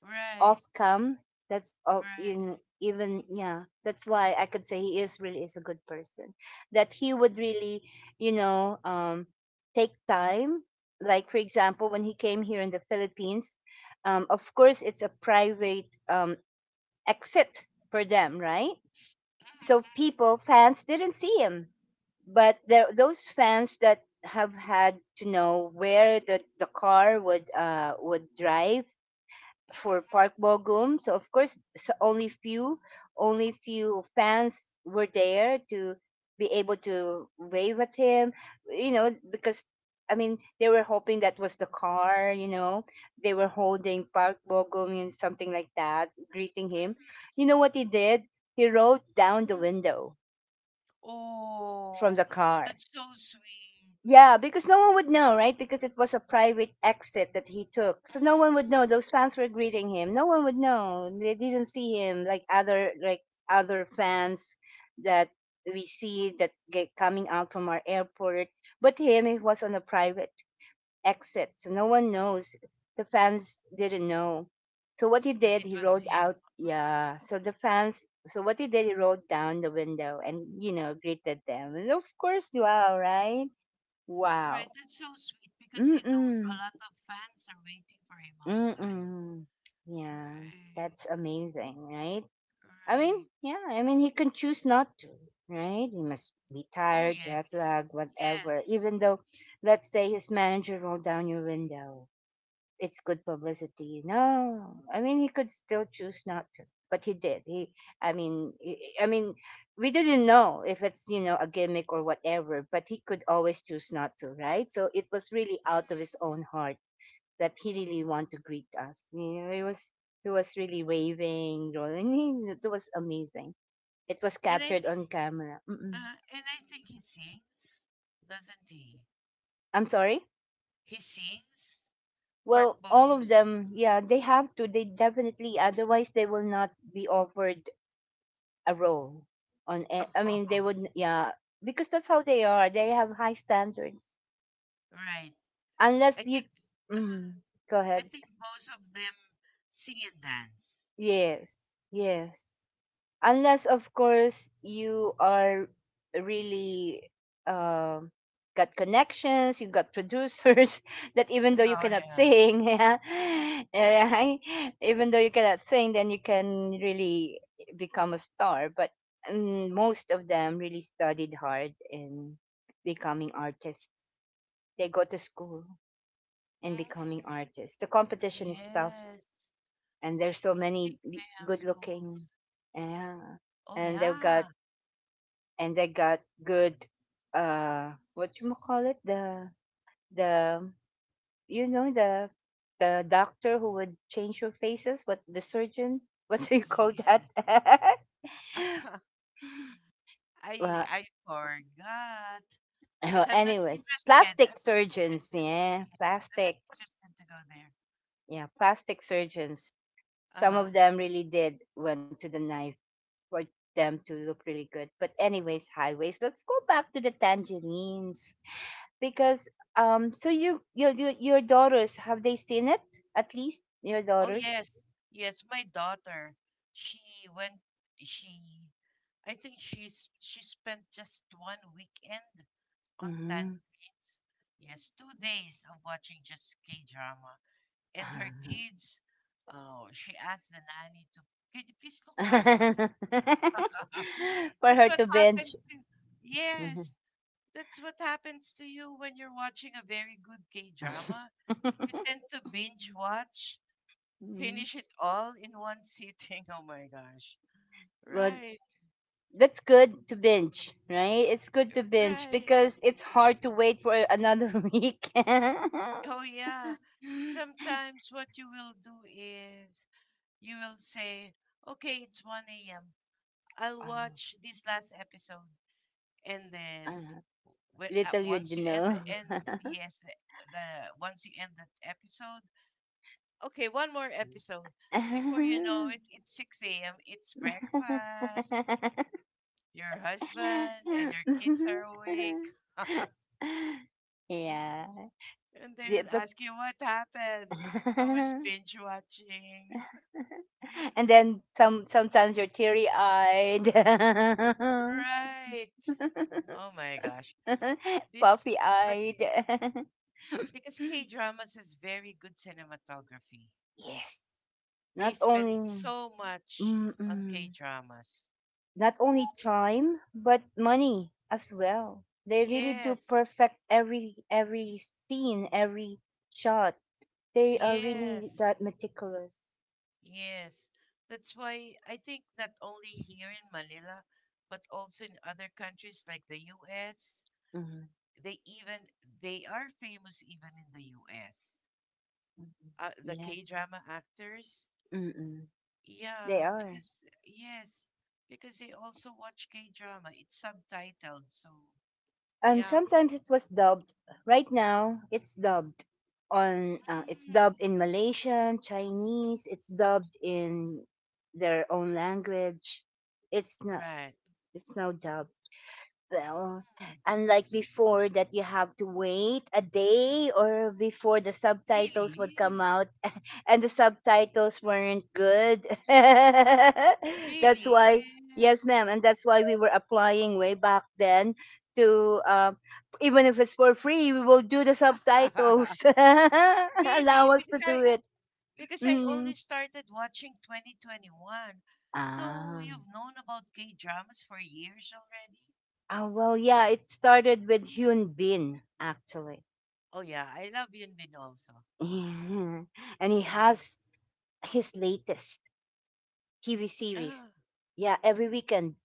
Right, Off-cam. That's of right. in even yeah. That's why I could say he is really is a good person. That he would really, you know, um, take time. Like for example, when he came here in the Philippines, of course it's a private, exit for them, right? Mhm, So people, fans didn't see him, but there those fans that have had to know where the car would drive mhm, for mhm. Park Bogum. So of course, so only few fans were there to be able to wave at him. You know, because I mean, they were hoping that was the car. You know, they were holding Park Bogum and something like that, greeting him. Mhm, You know what he did? He rolled down the mhm. window from Oh, the car that's so sweet. yeah, because no one would know, right? Because it was a private exit that he took. So no one would Mm-hmm. know. Those fans were greeting him. No one would know. They didn't see him like other fans that we see that get coming out from our airport. But him, he was on a private exit. So no one knows. The fans didn't know. So what he That did, it he was rolled him. out Mm. yeah. So the fans so what he did, he rolled down the window and, greeted them. And of course, wow, right? Right, Wow. that's so sweet because he knows a Mm-mm. lot of fans are waiting for him outside. Mm-mm. Yeah, Right, that's amazing, right? I mean, right. yeah, I mean, he can choose not to, right? He must be Oh, tired, yes. jet lag, whatever. Yes. Even though, let's say, his manager rolled down your window, it's good publicity. No, I mean, he could still choose not to, but he did. He, I mean, I I mean, we didn't know if it's a gimmick or whatever, but he could always choose not to, right? So it was really Mm. out of his own heart that he really want to greet us. He was really waving, rolling. It was amazing. It was And captured on camera. Mm-mm. And I think he sings, doesn't he? I'm sorry. He sings. Park Well, all Bogum of sings. them, yeah, they have to. They definitely, otherwise they will not be offered a role. I mean, they Oh, would, yeah, because that's how they are. They have high standards. right. I Unless you, think. Uh, mm, go I ahead. think both of them sing and dance. Yes, yes. Unless of course you are really um got connections, you got producers that even though you Oh cannot yeah. sing yeah, right? Even though you cannot sing, then you can really become a star. But most of them really studied hard in becoming artists. They go to school, and becoming Mm, artists, the competition is tough, yes. and Yes, there's so I think many they have good schools. looking, yeah. Oh And they've got, yeah. and I got good, what you call it, the, you know the the doctor who would change your faces, what, the surgeon? What do you call Yes. that? I Well, I forgot because I'm not anyways, interested. I'm not plastic surgeons, interested. yeah, Yeah, I'm not plastics, interested to go there. yeah, plastic surgeons. Some of Uh-huh. them really did went to the knife for them to look really good. But anyways, highways, let's go back to the tangerines. Because so you, your daughters, have they seen it? At least your Oh daughters? yes. Yes, my daughter. She went she I think she spent just one weekend on Mhm. tangerines. Yes, 2 days of watching just K drama. And her kids, oh, she asked the nanny to, can you please look after? For that's her what to happens binge. to, yes, Mhm. that's what happens to you when you're watching a very good K drama. You tend to binge watch, Mhm. finish it all in one sitting. Oh my gosh. Well, Right, that's good to binge, right? It's good to binge right. because it's hard to wait for another week. Oh, yeah. Sometimes what you will do is you will say, okay, it's 1 a.m. I'll Oh, watch this last episode. And then uh, whe- at little you once you end do the end, yes, the once you end that episode, okay, one more episode. Before you know know. it, it's 6 a.m. It's breakfast. Your husband and your kids are awake. and Yeah. they will But, ask you what happened. I was binge watching. and then sometimes you're teary eyed. Right. Oh my gosh. This, Puffy but eyed. Because K dramas is very good cinematography. Yes, They not only spend so much on K mm-mm, dramas. not only time but money as well. They really do Yes, perfect every scene, every shot. They are really that yes, meticulous. yes. That's why I think not only here in Manila, but also in other countries like the US, Mm-hmm. they even they are famous even in the US. Mhm. The K Yes. drama actors, Mm-mm. yeah, They are. because yes, because they also watch K drama. It's subtitled, so And yeah. sometimes it was dubbed. Right now, it's dubbed on it's Mm, mm, dubbed in Malaysian, Chinese, it's dubbed in their own language. It's not right. It's now dubbed. Bill. Mm. Unlike before that you have to wait a day or before the subtitles would Really? come out, and the subtitles weren't good. That's Really? why, yes ma'am, and that's why we were applying way back then to, even if it's for free, we will do the subtitles. Really? Allow us to do it. Because I only Mm. started watching 2021. So Ah. you've known about gay dramas for years already? Ah, well, yeah, it started with Hyun Bin, actually. Oh yeah, I love Yun Bin also. Yeah. And he Yeah. has his latest TV series. ah, Yeah,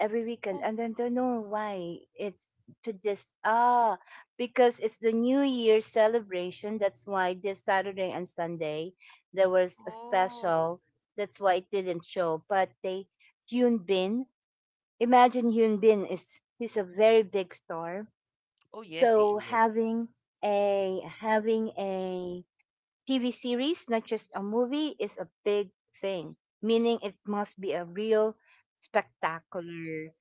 every weekend, Oh, and then don't know why it's to this. Ah, because it's the New Year celebration. That's why this Saturday and Sunday there was a oh, special. That's why it didn't show. But they Hyun Bin. Imagine Hyun Bin is he's a very big star. oh yes, he So is. having a TV series, not just a movie, is a big thing, meaning it must be a real spectacular.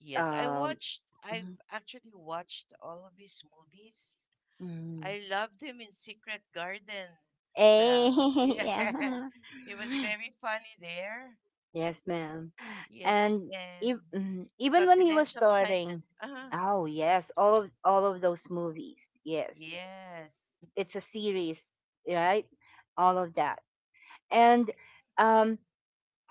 Yes, I Um, watched. I've mm, actually watched all of his movies. mm. I loved him in Secret Garden. Eh, The yeah, yeah. it was very funny there. Yes, ma'am. Yes, And and even when he was confidential starring, assignment. Uh-huh. oh yes, all of those movies. Yes, Yes. it's a series, right? All of that, and Mhm. um,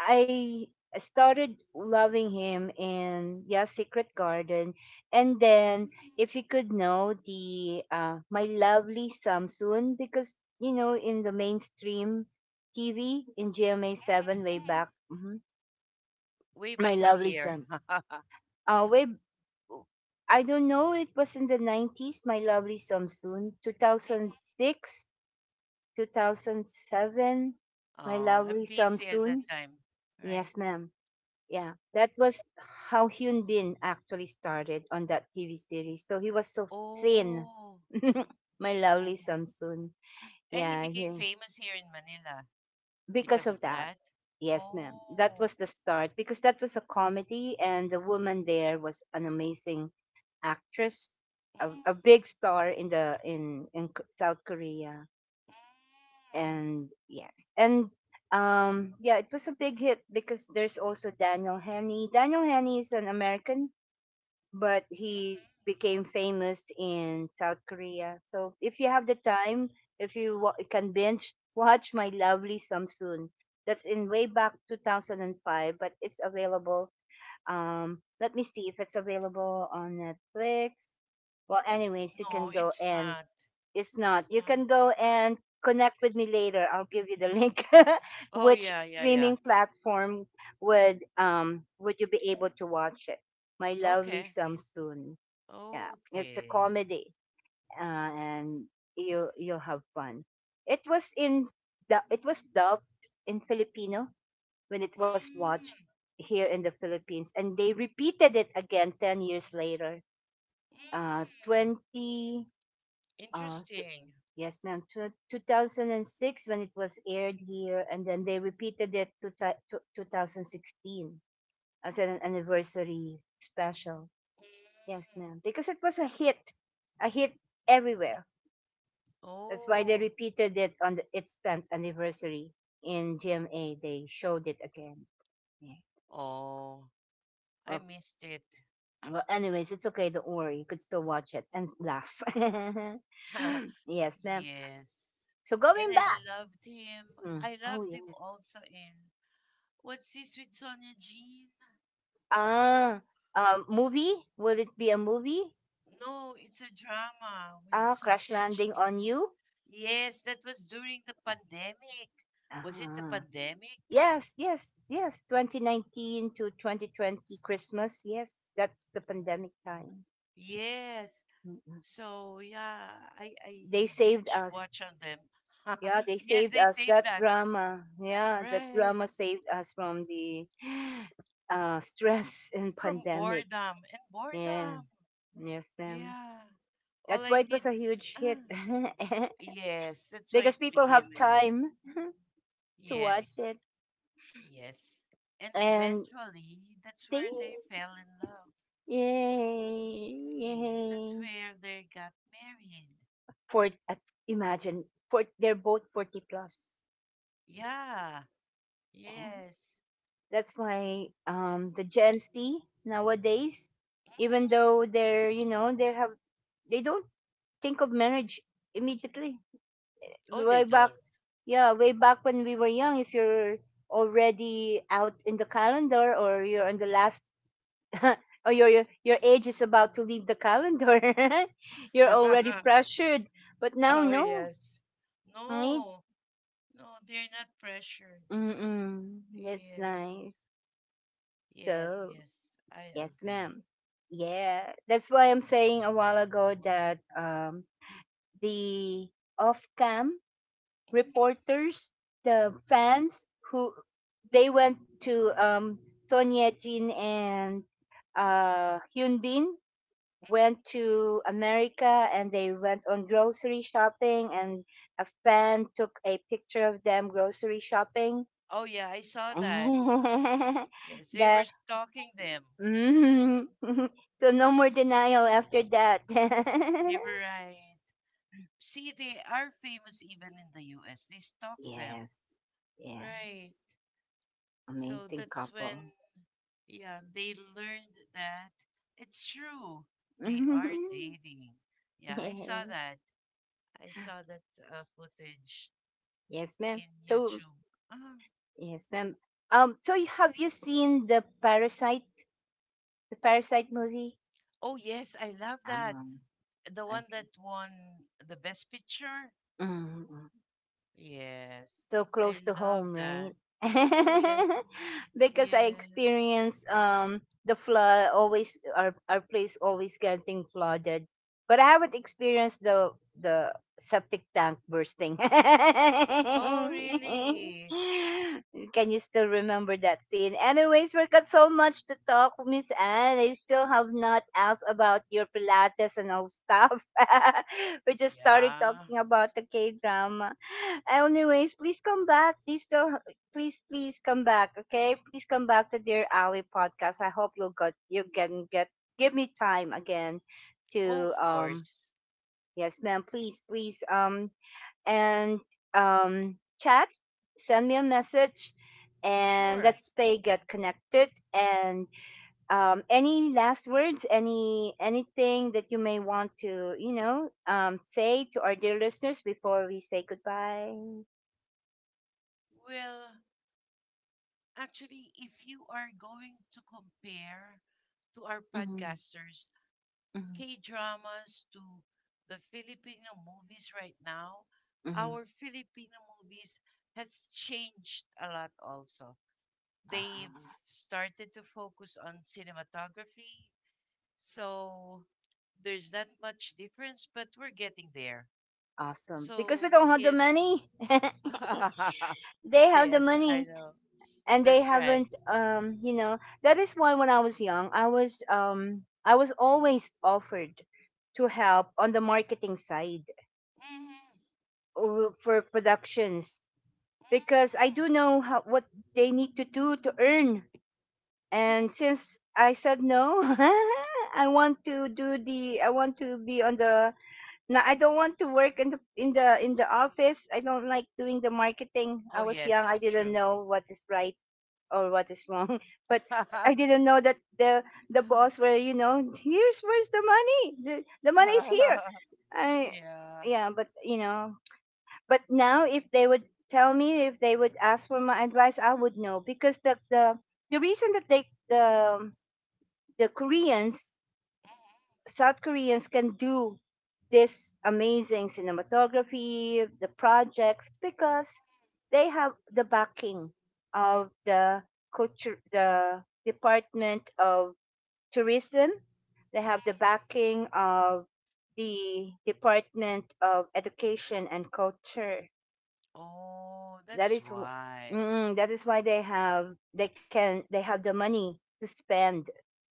I started loving him in, yeah, Secret Garden, and then if you could know the my lovely Samsoon because in the mainstream TV in GMA 7 way Mhm. back, mhm, Way my back what lovely year? Sam. Way I don't know. It was in the 90s. My lovely Samsoon, 2006, 2007. My Oh, I'm lovely busy at that Samsoon. time. Right. Yes, ma'am. Yeah, that was how Hyun Bin actually started on that TV series. So he was so Oh, thin. oh. My lovely wow. Samsoon. And he Yeah, became famous here in Manila because because of of that. that. Yes, ma'am. That Oh. was the start because that was a comedy, and the woman there was an amazing actress, a, Mm, a big star in the in K- South Korea. And yes, and yeah, it was a big hit because there's also Daniel Henney. Daniel Henney is an American but mm, he mm. became famous in South Korea. So if you have the time, if can binge watch My Lovely Samsoon, that's in way back 2005, but it's available. Let me see if it's available on Netflix. Well, anyways, you No, can go it's and not. it's It's not. You not. can go Uh, and connect with me later. I'll give you the link. oh Which yeah, yeah, yeah. streaming platform would you be able to watch it? My Okay. lovely Samsoon. Yeah, it's a Okay. comedy, and you'll have fun. It was in it was dubbed in Filipino when it was watched Mm, here in the Philippines, and they repeated it again 10 years later. Uh, mm. 20 uh, so, Interesting. yes, ma'am. Tw 2006 when it was aired here, and then they repeated it to 2016 as an anniversary special. Yes, Mm. ma'am. Because it was a hit everywhere. That's why they Oh, repeated it on its 10th anniversary in GMA. They showed it again. Yeah. oh, I Well, missed it. well, anyways, it's okay. Don't worry. You could still watch it and laugh. Yes, ma'am. Yes. So And going I back. loved him. Mm. I Oh, loved him yes. also in what's this with Sonia Jean? Ah, movie? Will it be a movie? No, it's a drama with Ah, Crash Sonia Landing on Jean. You? Yes, that was during the pandemic. Was it the Ah, pandemic? yes, yes, yes. 2019 to 2020 Christmas. Yes, that's the pandemic time. Yes. Mm-mm. So yeah, I They saved binge us. watch on them. Yeah, they yes, saved they us. saved That us. drama. Yeah, that Right. drama saved us from the stress and From pandemic. boredom and boredom. Yeah, yes, ma'am. Yeah. All That's I why it did was a huge hit, uh, yes, that's why it because people became have a huge- time to yes, watch it. yes. And And eventually that's they, where they fell in love. yay, Yes, that's yay. where they got married. For, at, imagine, they're both 40 plus. Yeah, Yeah. yes. That's why the Gen Z nowadays, even Mhm. though they're, they have, they don't think of marriage immediately. Oh, they Way don't. back, yeah, way back when we were young, if you're already out in the calendar or you're on the last or your age is about to leave the calendar. You're already pressured, but now oh, no, yes. right? No, no, they're not pressured. Mm-mm. That's Yes, nice. yes, So yes. I yes, agree. ma'am. Yeah, that's why So, I'm mhm, saying a while ago that the off-cam reporters, the fans who they went to Son Ye Jin and Hyun Bin went mhm. to America and they went on grocery shopping, and a fan took a picture of them grocery shopping. oh, yeah, I saw that. the Yes, they were stalking them. mm, so no more denial after that. They were right. See, they are famous even in the US. They stalk them. Yes, yeah, Right. So amazing that's couple. when yeah, they learned that it's true. They are dating. Yeah, I saw that. I saw that footage Yes, ma'am. in So YouTube. Um, yes, ma'am. So have you seen the Parasite movie? oh, yes, I love that. Um, The one okay. that won the best picture. Mm, Yes, so I close to love home, that. right? Oh, yes. Because I Yes. experienced the flood, always our place always getting flooded. But I haven't experienced the the septic tank bursting. Oh, really? Can you still remember that scene? Anyways, we got so much to talk, Miss Anne. I still have not asked about your Pilates and all stuff. We just started Yeah. talking about the K drama. Anyways, please come back. Please still, please, please come back. Okay, please come back to Dear Ali podcast. I hope you'll got you can get give me time again Oh, to of course. yes, ma'am. Please, please and chat. Send me a message, and Sure. let's stay get connected. And any last words? Anything that you may want to say to our dear listeners before we say goodbye? Well, actually, if you are going to compare to our Mhm. podcasters, Mhm, K dramas to the Filipino movies right now, mhm. our Filipino movies has changed a lot also. They've Ah. started to focus on cinematography, so there's not much difference, but we're getting there. Awesome. Because we So, don't have the yes. money. They have the Yes, I money, know. and they That's right. haven't, that is why when I was young, I was always offered to help on the marketing side, Mhm. For productions. Because I Mm. do know how, what they need to do to earn. Mhm. And mhm. since I said no, I want to be on the Now I don't want to work in the office. I don't like doing the marketing. Oh I was yes, young. that's I didn't true. know what is right or what is wrong. But yeah. I didn't know that the boss were, you know here's where's the money. The money's here. I Mhm. Yeah, but now, if they would tell me, if they would ask for my advice, I would know. Because the reason that they the Koreans South Koreans can do this amazing cinematography, the projects, because they have the backing of the culture, the Department of Tourism. They have the Mhm. backing of the Department of Education and Culture. Oh, that's That is, w- why. that is why they have the money to spend,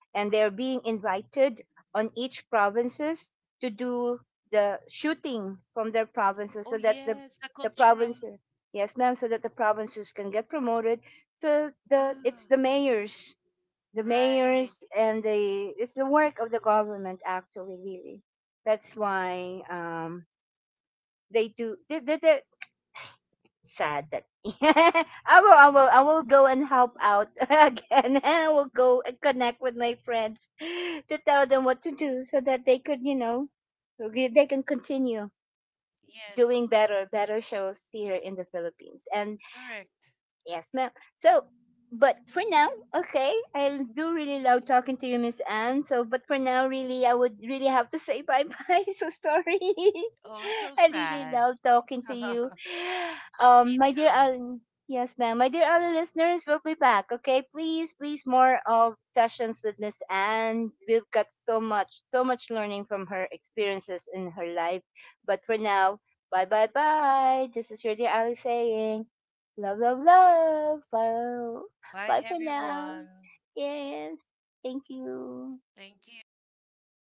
and they're being invited on each provinces to do the shooting from their Oh provinces so that the yes, the the cultural. provinces, yes ma'am, so that the provinces can get promoted. So the Ah, it's the mayors, the right. mayors, and the it's the work of the government, actually, really. That's Yes. why they do, they, sad that, I will I will I Yeah. will go and help out again. I will go and connect with my friends to tell them what to do, so that they could, you know, they can continue Yes. doing better, better shows here in the Philippines. And Correct. yes, ma'am. So, but for now, okay, I do really love talking to you, Miss Anne. So, but for now, really, I would really have to say bye bye. So sorry. Oh, so I sad. really love talking to you. Me My dear too. Alan, yes, ma'am. My dear Alan listeners, we'll be back. Okay, please, please, more of sessions with Miss Anne. We've got so much, so much learning from her experiences in her life. But for now, bye bye bye. This is your dear Ali saying. Love, love, love. Bye, Bye, bye for now. everyone. Yes. Thank you. Thank you.